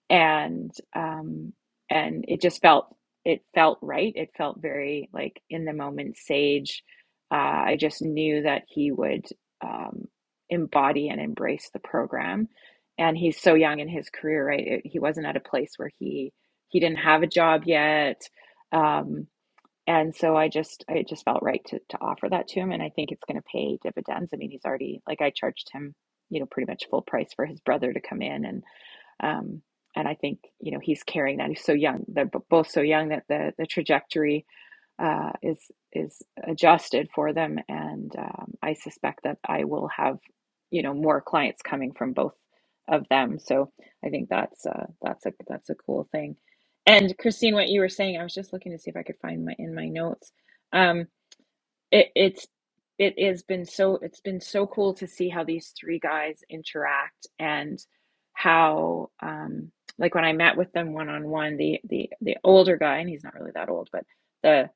[SPEAKER 1] and um and it just felt it felt right it felt very like in the moment sage uh, i just knew that he would um, embody and embrace the program and he's so young in his career right it, he wasn't at a place where he he didn't have a job yet um, and so i just i just felt right to, to offer that to him and i think it's going to pay dividends i mean he's already like i charged him you know pretty much full price for his brother to come in and um, and I think you know he's carrying that. He's so young; they're b- both so young that the the trajectory uh, is is adjusted for them. And um, I suspect that I will have you know more clients coming from both of them. So I think that's uh, that's a that's a cool thing. And Christine, what you were saying, I was just looking to see if I could find my in my notes. Um it it's it has been so it's been so cool to see how these three guys interact and how um like when I met with them one on one the the the older guy and he's not really that old but the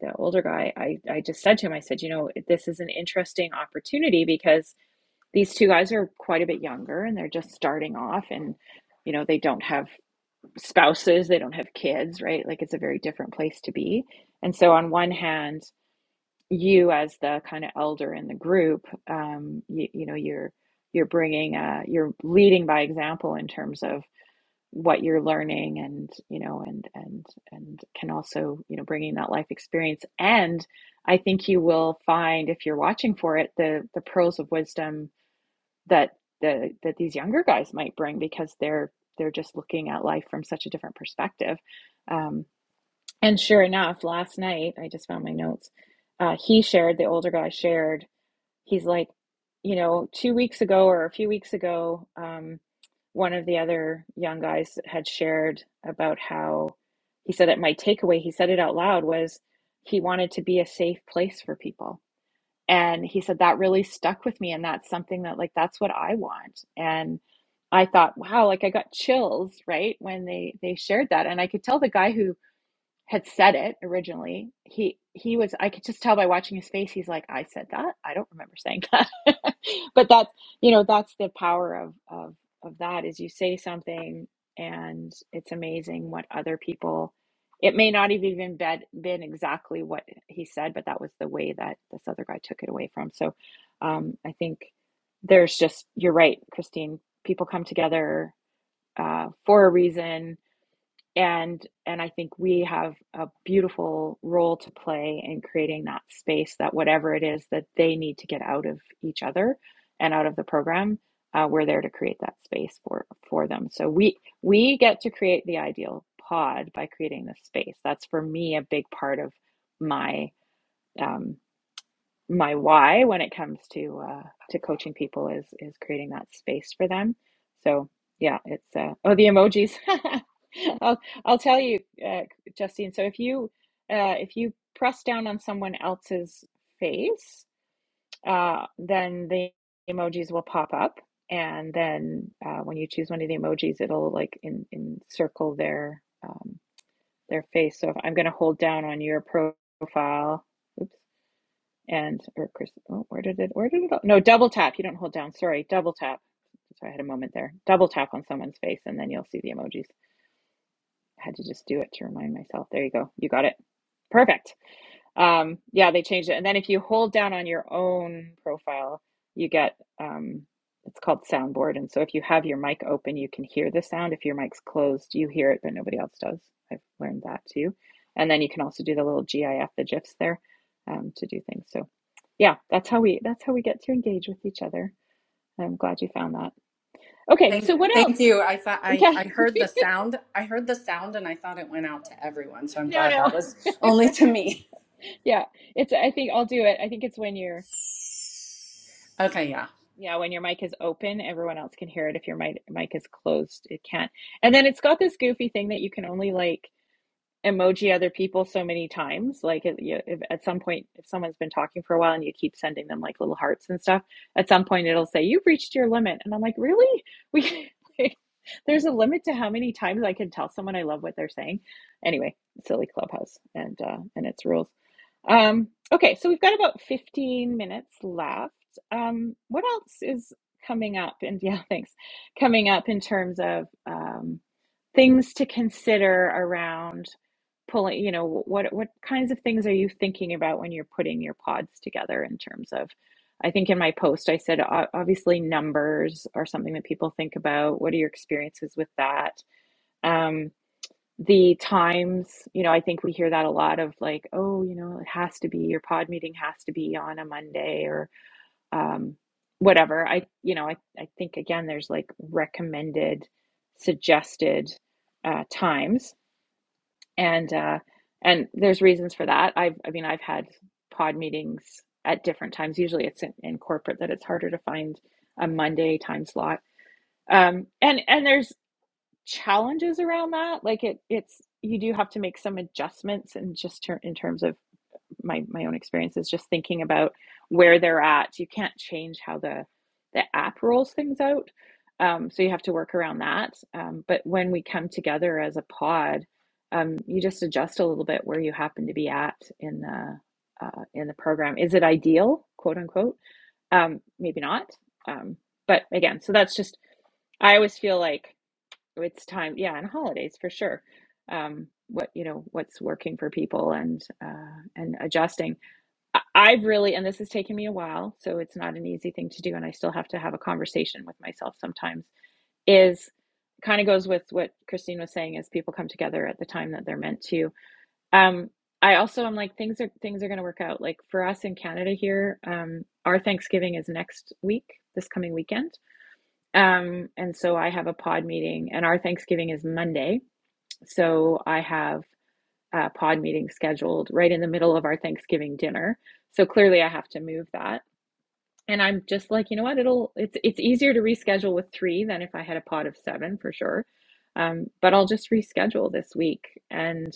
[SPEAKER 1] the older guy I I just said to him I said you know this is an interesting opportunity because these two guys are quite a bit younger and they're just starting off and you know they don't have spouses they don't have kids right like it's a very different place to be and so on one hand you as the kind of elder in the group um, you, you know you're you're bringing uh, you're leading by example in terms of what you're learning and you know and and and can also you know bringing that life experience and i think you will find if you're watching for it the the pearls of wisdom that the that these younger guys might bring because they're they're just looking at life from such a different perspective Um, and sure enough, last night, I just found my notes. Uh, he shared, the older guy shared, he's like, you know, two weeks ago or a few weeks ago, um, one of the other young guys had shared about how he said that my takeaway, he said it out loud, was he wanted to be a safe place for people. And he said that really stuck with me. And that's something that, like, that's what I want. And I thought, wow, like I got chills, right? When they they shared that. And I could tell the guy who had said it originally he he was i could just tell by watching his face he's like i said that i don't remember saying that but that's you know that's the power of of of that is you say something and it's amazing what other people it may not have even been, exactly what he said but that was the way that this other guy took it away from so um i think there's just you're right christine people come together uh for a reason and and i think we have a beautiful role to play in creating that space that whatever it is that they need to get out of each other and out of the program uh, we're there to create that space for for them so we we get to create the ideal pod by creating this space that's for me a big part of my um, my why when it comes to uh, to coaching people is is creating that space for them. So yeah, it's uh, oh the emojis. I'll I'll tell you, uh, Justine. So if you uh, if you press down on someone else's face, uh, then the emojis will pop up, and then uh, when you choose one of the emojis, it'll like in encircle their um, their face. So if I'm going to hold down on your profile, oops and or Chris. Oh, where did it? Where did it? all- No, double tap. You don't hold down. Sorry, double tap. So I had a moment there. Double tap on someone's face, and then you'll see the emojis. I had to just do it to remind myself. There you go. You got it. Perfect. Um, yeah, they changed it. And then if you hold down on your own profile, you get um, it's called soundboard. And so if you have your mic open, you can hear the sound. If your mic's closed, you hear it, but nobody else does. I've learned that too. And then you can also do the little GIF, the GIFs there, um, to do things. So yeah, that's how we that's how we get to engage with each other. I'm glad you found that. Okay,
[SPEAKER 4] Thank
[SPEAKER 1] so what
[SPEAKER 4] thank
[SPEAKER 1] else?
[SPEAKER 4] you. I thought I
[SPEAKER 1] Yeah,
[SPEAKER 4] I heard the sound. I heard the sound and I thought it went out to everyone. So I'm
[SPEAKER 1] no,
[SPEAKER 4] glad
[SPEAKER 1] no,
[SPEAKER 4] that was only to me.
[SPEAKER 1] yeah. It's I think I'll do it. I think it's when you're.
[SPEAKER 4] Okay, yeah.
[SPEAKER 1] Yeah, when your mic is open, everyone else can hear it. If your mic mic is closed, it can't. And then it's got this goofy thing that you can only like emoji other people so many times. Like it, you, if, at some point, if someone's been talking for a while and you keep sending them like little hearts and stuff, at some point it'll say you've reached your limit. And I'm like, really? We like, there's a limit to how many times I can tell someone I love what they're saying. Anyway, silly clubhouse and uh, and its rules. Um, okay, so we've got about 15 minutes left. Um, what else is coming up? And yeah, thanks. Coming up in terms of um, things to consider around pulling, you know, what what kinds of things are you thinking about when you're putting your pods together in terms of I think in my post I said obviously numbers are something that people think about. What are your experiences with that? Um, the times, you know, I think we hear that a lot of like, oh, you know, it has to be your pod meeting has to be on a Monday or um, whatever. I, you know, I, I think again, there's like recommended, suggested uh, times, and uh, and there's reasons for that. I've, I mean, I've had pod meetings at different times. Usually, it's in, in corporate that it's harder to find a Monday time slot. Um, and and there's challenges around that. Like it, it's you do have to make some adjustments, and just ter- in terms of my my own experiences, just thinking about where they're at. You can't change how the the app rolls things out, um, so you have to work around that. Um, but when we come together as a pod, um, you just adjust a little bit where you happen to be at in the uh, in the program. Is it ideal, quote unquote? Um, maybe not. Um, but again, so that's just I always feel like it's time yeah and holidays for sure um what you know what's working for people and uh and adjusting I- i've really and this has taken me a while so it's not an easy thing to do and i still have to have a conversation with myself sometimes is kind of goes with what christine was saying is people come together at the time that they're meant to um i also am like things are things are going to work out like for us in canada here um our thanksgiving is next week this coming weekend um, and so I have a pod meeting, and our Thanksgiving is Monday so I have a pod meeting scheduled right in the middle of our Thanksgiving dinner. So clearly I have to move that and I'm just like, you know what? It'll it's it's easier to reschedule with three than if I had a pot of seven for sure. Um, but I'll just reschedule this week, and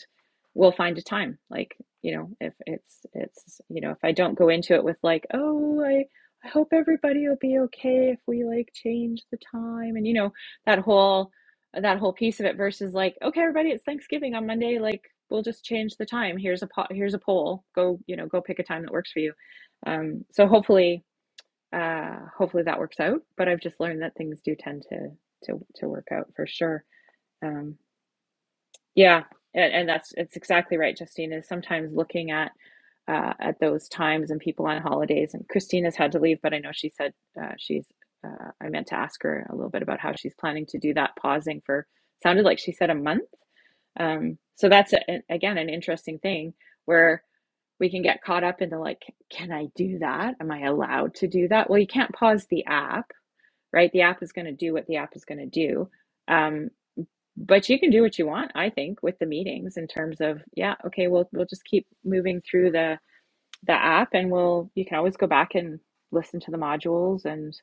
[SPEAKER 1] we'll find a time. Like, you know, if it's it's you know, if I don't go into it with like, oh, I I hope everybody will be okay if we like change the time, and you know, that whole that whole piece of it versus like, okay, everybody, it's Thanksgiving on Monday, like. We'll just change the time. Here's a pot, here's a poll. Go, you know, go pick a time that works for you. Um, so hopefully, uh, hopefully that works out. But I've just learned that things do tend to to to work out for sure. Um, yeah, and, and that's it's exactly right, Justine. Is sometimes looking at uh, at those times and people on holidays. And Christina's had to leave, but I know she said uh, she's. Uh, I meant to ask her a little bit about how she's planning to do that. Pausing for sounded like she said a month. Um, so that's a, an- again an interesting thing where we can get caught up into like, can I do that? Am I allowed to do that? Well, you can't pause the app right? The app is going to do what the app is going to do. Um, but you can do what you want, I think, with the meetings in terms of, yeah, okay, we'll we'll just keep moving through the the app, and we'll you can always go back and listen to the modules and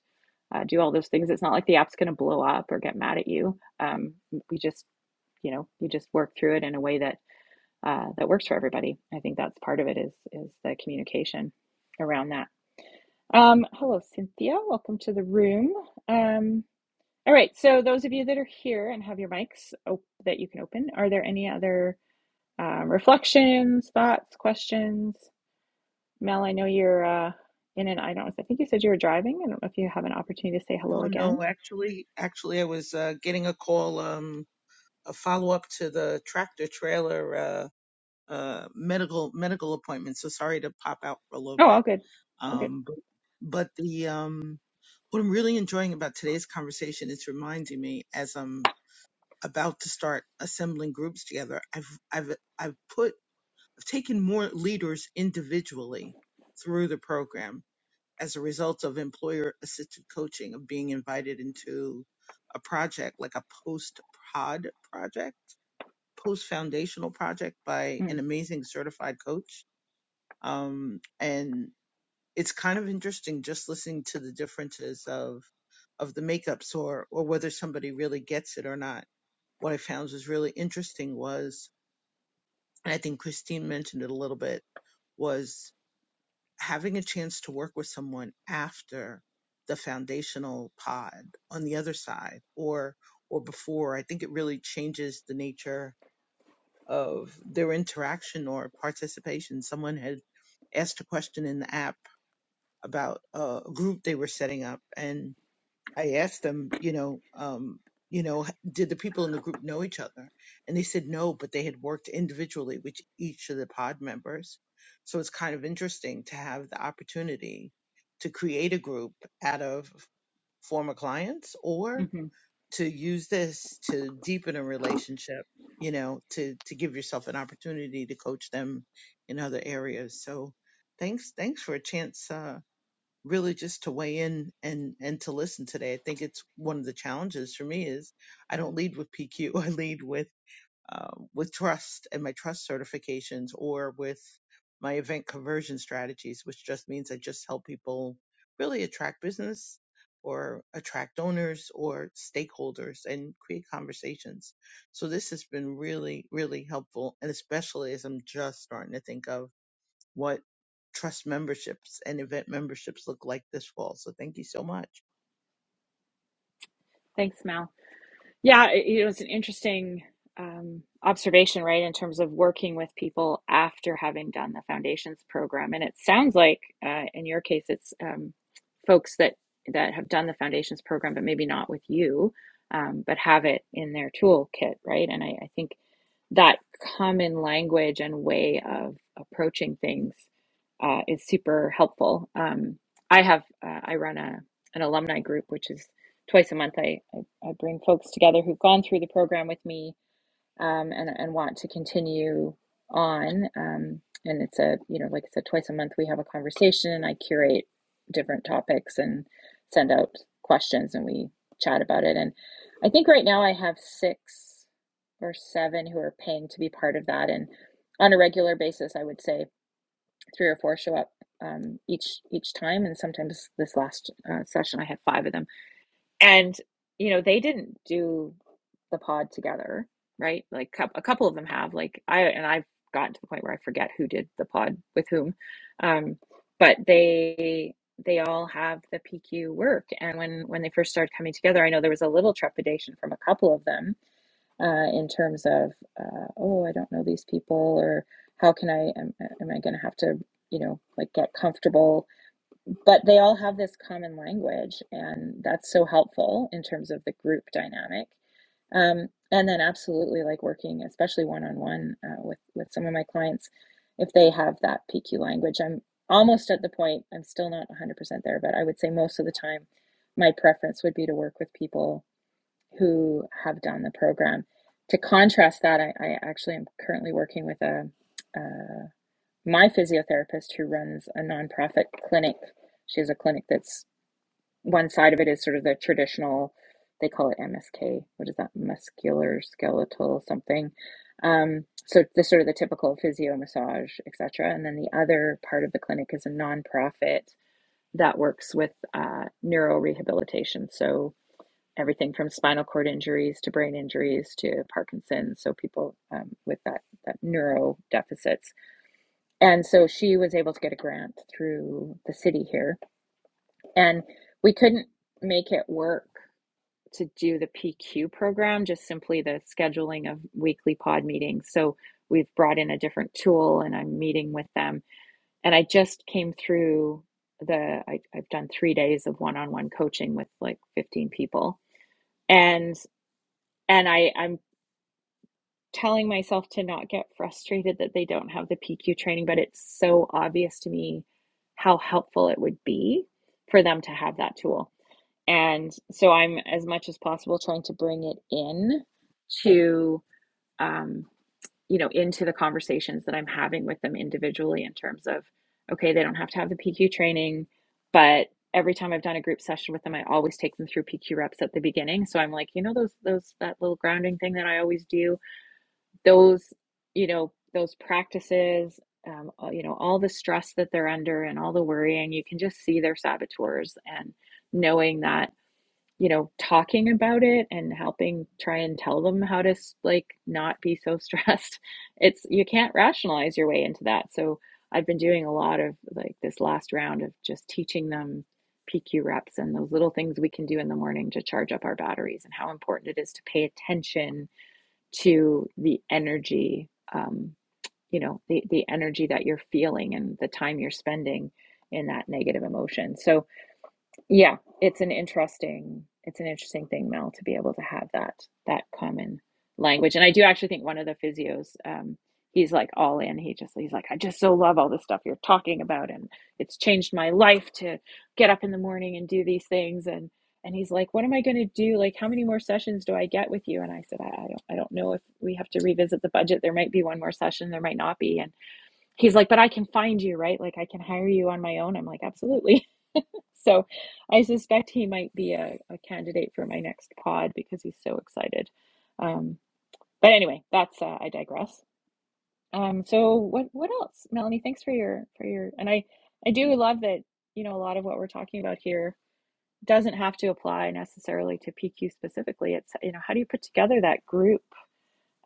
[SPEAKER 1] uh, do all those things. It's not like the app's going to blow up or get mad at you. Um, we just, you know, you just work through it in a way that uh, that works for everybody. I think that's part of it is is the communication around that. Um, hello, Cynthia. Welcome to the room. Um, all right, so those of you that are here and have your mics op- that you can open, are there any other um, reflections, thoughts, questions? Mel, I know you're uh, in and I don't. I think you said you were driving. I don't know if you have an opportunity to say hello
[SPEAKER 3] No,
[SPEAKER 1] again.
[SPEAKER 3] no, actually, actually, I was uh, getting a call, um, a follow up to the tractor trailer uh, uh, medical medical appointment. So sorry to pop out for a little
[SPEAKER 1] Oh,
[SPEAKER 3] bit.
[SPEAKER 1] all good. All good.
[SPEAKER 3] Um, but, but the um, what I'm really enjoying about today's conversation is reminding me as I'm about to start assembling groups together. I've I've I've put I've taken more leaders individually through the program as a result of employer assisted coaching of being invited into a project like a post pod project, post foundational project by an amazing certified coach. Um, it's kind of interesting just listening to the differences of of the makeups or or whether somebody really gets it or not. What I found was really interesting was, and I think Christine mentioned it a little bit, was having a chance to work with someone after the foundational pod on the other side or or before. I think it really changes the nature of their interaction or participation. Someone had asked a question in the app about uh, a group they were setting up, and I asked them, you know, um, you know, h- did the people in the group know each other? And they said no, but they had worked individually with each of the pod members. So it's kind of interesting to have the opportunity to create a group out of former clients or
[SPEAKER 1] Mm-hmm.
[SPEAKER 3] to use this to deepen a relationship, you know, to to give yourself an opportunity to coach them in other areas. So thanks thanks for a chance uh really just to weigh in and and to listen today. I think it's one of the challenges for me is I don't lead with PQ. I lead with uh, with trust and my trust certifications or with my event conversion strategies, which just means I just help people really attract business or attract donors or stakeholders and create conversations. So this has been really, really helpful. And especially as I'm just starting to think of what trust memberships and event memberships look like this fall. So thank you so much.
[SPEAKER 1] Thanks, Mel. Yeah, it, you know, an interesting um, observation, right, in terms of working with people after having done the foundations program. And it sounds like, uh, in your case, it's um, folks that that have done the foundations program, but maybe not with you, um, but have it in their toolkit, right? And I, I think that common language and way of approaching things uh, is super helpful. Um, I have uh, I run a an alumni group, which is twice a month. I, I I bring folks together who've gone through the program with me um, and and want to continue on. Um, and it's a you know like I said, twice a month we have a conversation, and I curate different topics and send out questions, and we chat about it. And I think right now I have six or seven who are paying to be part of that, and on a regular basis, I would say three or four show up um, each each time, and sometimes this last uh, session I had five of them and you know they didn't do the pod together right like a couple of them have like i and i've gotten to the point where i forget who did the pod with whom um but they they all have the pq work and when when they first started coming together i know there was a little trepidation from a couple of them uh in terms of uh oh i don't know these people or how can i am, am i going to have to you know like get comfortable but they all have this common language and that's so helpful in terms of the group dynamic um, and then absolutely like working especially one-on-one uh, with with some of my clients if they have that pq language i'm almost at the point i'm still not 100% there but i would say most of the time my preference would be to work with people who have done the program to contrast that i, I actually am currently working with a, a my physiotherapist who runs a nonprofit clinic she has a clinic that's one side of it is sort of the traditional they call it msk what is that muscular skeletal something um, so the sort of the typical physio massage etc and then the other part of the clinic is a nonprofit that works with uh, neuro rehabilitation so everything from spinal cord injuries to brain injuries to parkinson's so people um, with that that neuro deficits and so she was able to get a grant through the city here. And we couldn't make it work to do the PQ program, just simply the scheduling of weekly pod meetings. So we've brought in a different tool and I'm meeting with them. And I just came through the, I, I've done three days of one on one coaching with like 15 people. And and I, I'm telling myself to not get frustrated that they don't have the PQ training, but it's so obvious to me how helpful it would be for them to have that tool. And so I'm as much as possible trying to bring it in to, um, you know, into the conversations that I'm having with them individually in terms of, okay, they don't have to have the PQ training, but every time I've done a group session with them, I always take them through PQ reps at the beginning. So I'm like, you know, those, those, that little grounding thing that I always do those you know those practices um, uh, you know all the stress that they're under and all the worrying you can just see their saboteurs and knowing that you know talking about it and helping try and tell them how to like not be so stressed it's you can't rationalize your way into that so i've been doing a lot of like this last round of just teaching them pq reps and those little things we can do in the morning to charge up our batteries and how important it is to pay attention to the energy, um, you know, the, the energy that you're feeling and the time you're spending in that negative emotion. So, yeah, it's an interesting it's an interesting thing, Mel, to be able to have that that common language. And I do actually think one of the physios, um, he's like all in. He just he's like, I just so love all the stuff you're talking about, and it's changed my life to get up in the morning and do these things. And and he's like, What am I going to do? Like, how many more sessions do I get with you? And I said, I, I don't I don't know if we have to revisit the budget. There might be one more session, there might not be. And he's like, But I can find you, right? Like, I can hire you on my own. I'm like, Absolutely. So I suspect he might be a, a candidate for my next pod because he's so excited. Um, but anyway, that's uh, I digress. Um, so what what else, Melanie? Thanks for your for your and I I do love that you know a lot of what we're talking about here doesn't have to apply necessarily to PQ specifically. It's you know how do you put together that group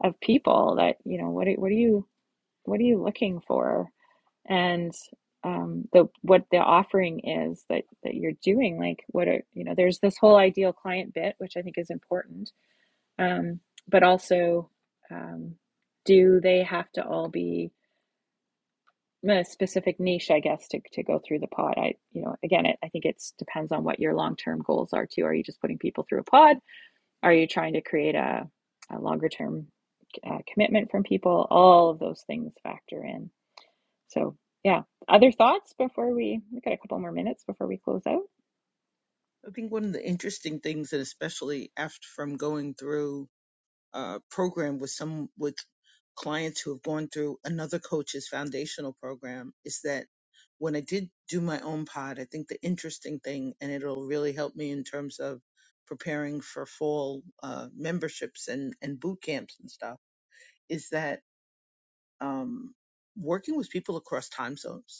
[SPEAKER 1] of people that you know what what do you what are you looking for and um, the what the offering is that that you're doing like what are you know there's this whole ideal client bit which i think is important um, but also um, do they have to all be a specific niche i guess to, to go through the pod i you know again it, i think it depends on what your long-term goals are too are you just putting people through a pod are you trying to create a, a longer term uh, commitment from people all of those things factor in so, yeah. Other thoughts before we we got a couple more minutes before we close out?
[SPEAKER 3] I think one of the interesting things, and especially after from going through a program with some with clients who have gone through another coach's foundational program, is that when I did do my own pod, I think the interesting thing, and it'll really help me in terms of preparing for fall uh, memberships and and boot camps and stuff, is that um, working with people across time zones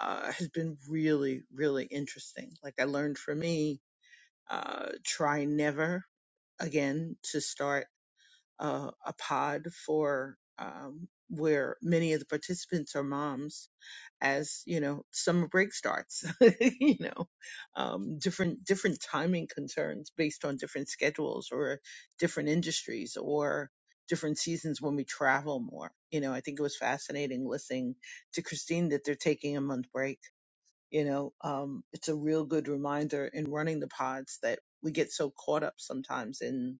[SPEAKER 3] uh, has been really, really interesting. Like I learned for me, uh, try never again to start a, a pod for um, where many of the participants are moms as you know summer break starts you know um, different different timing concerns based on different schedules or different industries or different seasons when we travel more you know i think it was fascinating listening to christine that they're taking a month break you know um, it's a real good reminder in running the pods that we get so caught up sometimes in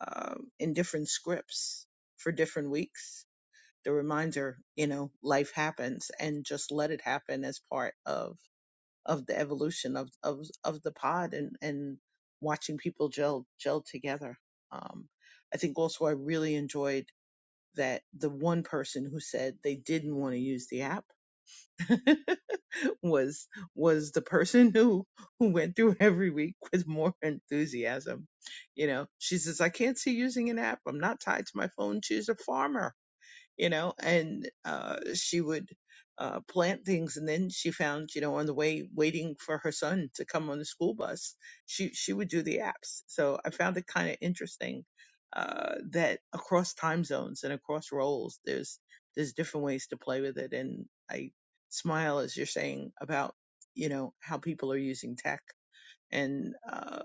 [SPEAKER 3] um, in different scripts for different weeks the reminder you know life happens and just let it happen as part of of the evolution of of, of the pod and and watching people gel gel together um, i think also i really enjoyed that the one person who said they didn't want to use the app was was the person who who went through every week with more enthusiasm. You know, she says, I can't see using an app. I'm not tied to my phone. She's a farmer you know, and uh, she would uh, plant things. And then she found, you know, on the way waiting for her son to come on the school bus, she she would do the apps. So I found it kind of interesting uh, that across time zones and across roles, there's there's different ways to play with it. And I smile as you're saying about you know how people are using tech and um,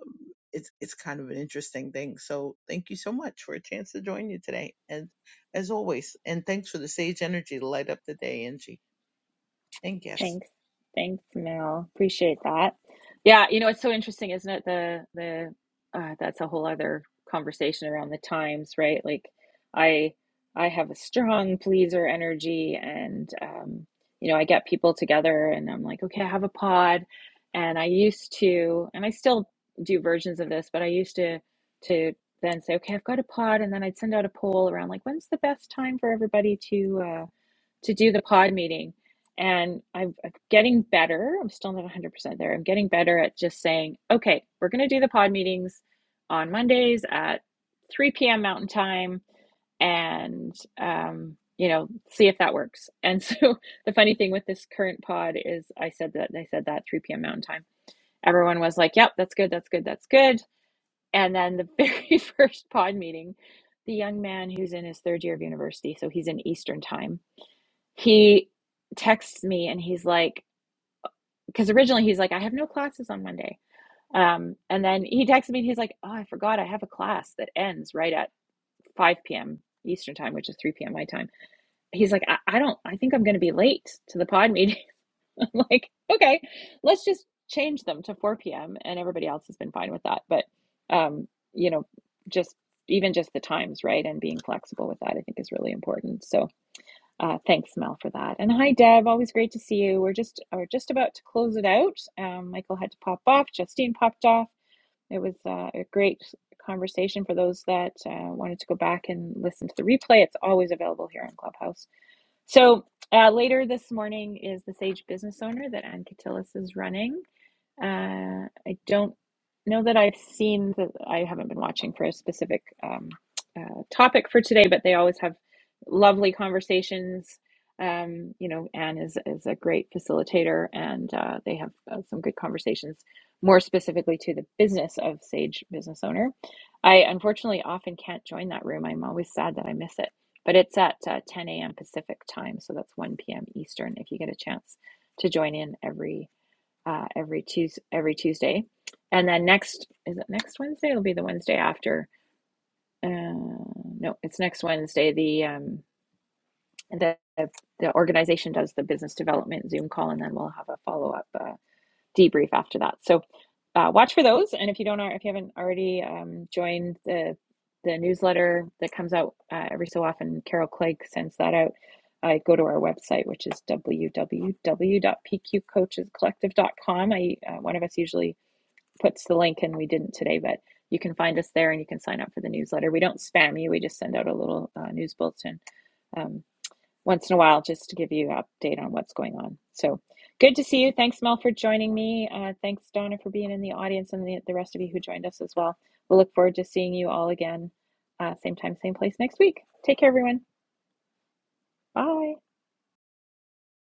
[SPEAKER 3] it's it's kind of an interesting thing. So thank you so much for a chance to join you today, and as always, and thanks for the sage energy to light up the day, Angie. And yes.
[SPEAKER 1] Thanks. Thanks, Mel. Appreciate that. Yeah, you know, it's so interesting, isn't it? The the uh, that's a whole other conversation around the times, right? Like I I have a strong pleaser energy and um, you know, I get people together and I'm like, okay, I have a pod and I used to and I still do versions of this, but I used to to then say, okay, I've got a pod and then I'd send out a poll around like when's the best time for everybody to uh, to do the pod meeting. And I'm, I'm getting better. I'm still not 100% there. I'm getting better at just saying, okay, we're going to do the pod meetings on Mondays at 3 p.m. Mountain Time and, um, you know, see if that works. And so the funny thing with this current pod is I said that, I said that 3 p.m. Mountain Time. Everyone was like, yep, that's good, that's good, that's good. And then the very first pod meeting, the young man who's in his third year of university, so he's in Eastern Time he texts me and he's like, because originally he's like, I have no classes on Monday. Um, and then he texted me and he's like, Oh, I forgot I have a class that ends right at 5 p.m. Eastern time, which is 3 p.m. my time. He's like, I, I don't, I think I'm going to be late to the pod meeting. I'm like, okay, let's just change them to 4 p.m. And everybody else has been fine with that. But, um, you know, just even just the times, right? And being flexible with that, I think is really important. So, uh, thanks, Mel, for that. And hi, Deb. Always great to see you. We're just we're just about to close it out. Um, Michael had to pop off. Justine popped off. It was uh, a great conversation for those that uh, wanted to go back and listen to the replay. It's always available here on Clubhouse. So uh, later this morning is the Sage Business Owner that Ann Catillus is running. Uh, I don't know that I've seen the, I haven't been watching for a specific um, uh, topic for today, but they always have lovely conversations. Um, you know, Anne is is a great facilitator, and uh, they have uh, some good conversations more specifically to the business of Sage Business Owner. I unfortunately often can't join that room. I'm always sad that I miss it, but it's at uh, 10 a.m. Pacific time, so that's 1 p.m. Eastern. If you get a chance to join in every uh, every Tues every Tuesday, and then next is it next Wednesday? It'll be the Wednesday after. Uh, no, it's next Wednesday. The um, the the organization does the business development Zoom call, and then we'll have a follow up uh, debrief after that. So uh, watch for those, and if you don't if you haven't already um, joined the the newsletter that comes out uh, every so often, Carol Clegg sends that out. I go to our website, which is w w w dot p q coaches collective. dot com. I uh, one of us usually puts the link in. We didn't today, but you can find us there and you can sign up for the newsletter. We don't spam you. We just send out a little uh, news bulletin um, once in a while just to give you an update on what's going on. So good to see you. Thanks, Mel, for joining me. Uh, thanks, Donna, for being in the audience and the, the rest of you who joined us as well. We'll look forward to seeing you all again, uh, same time, same place next week. Take care, everyone. Bye.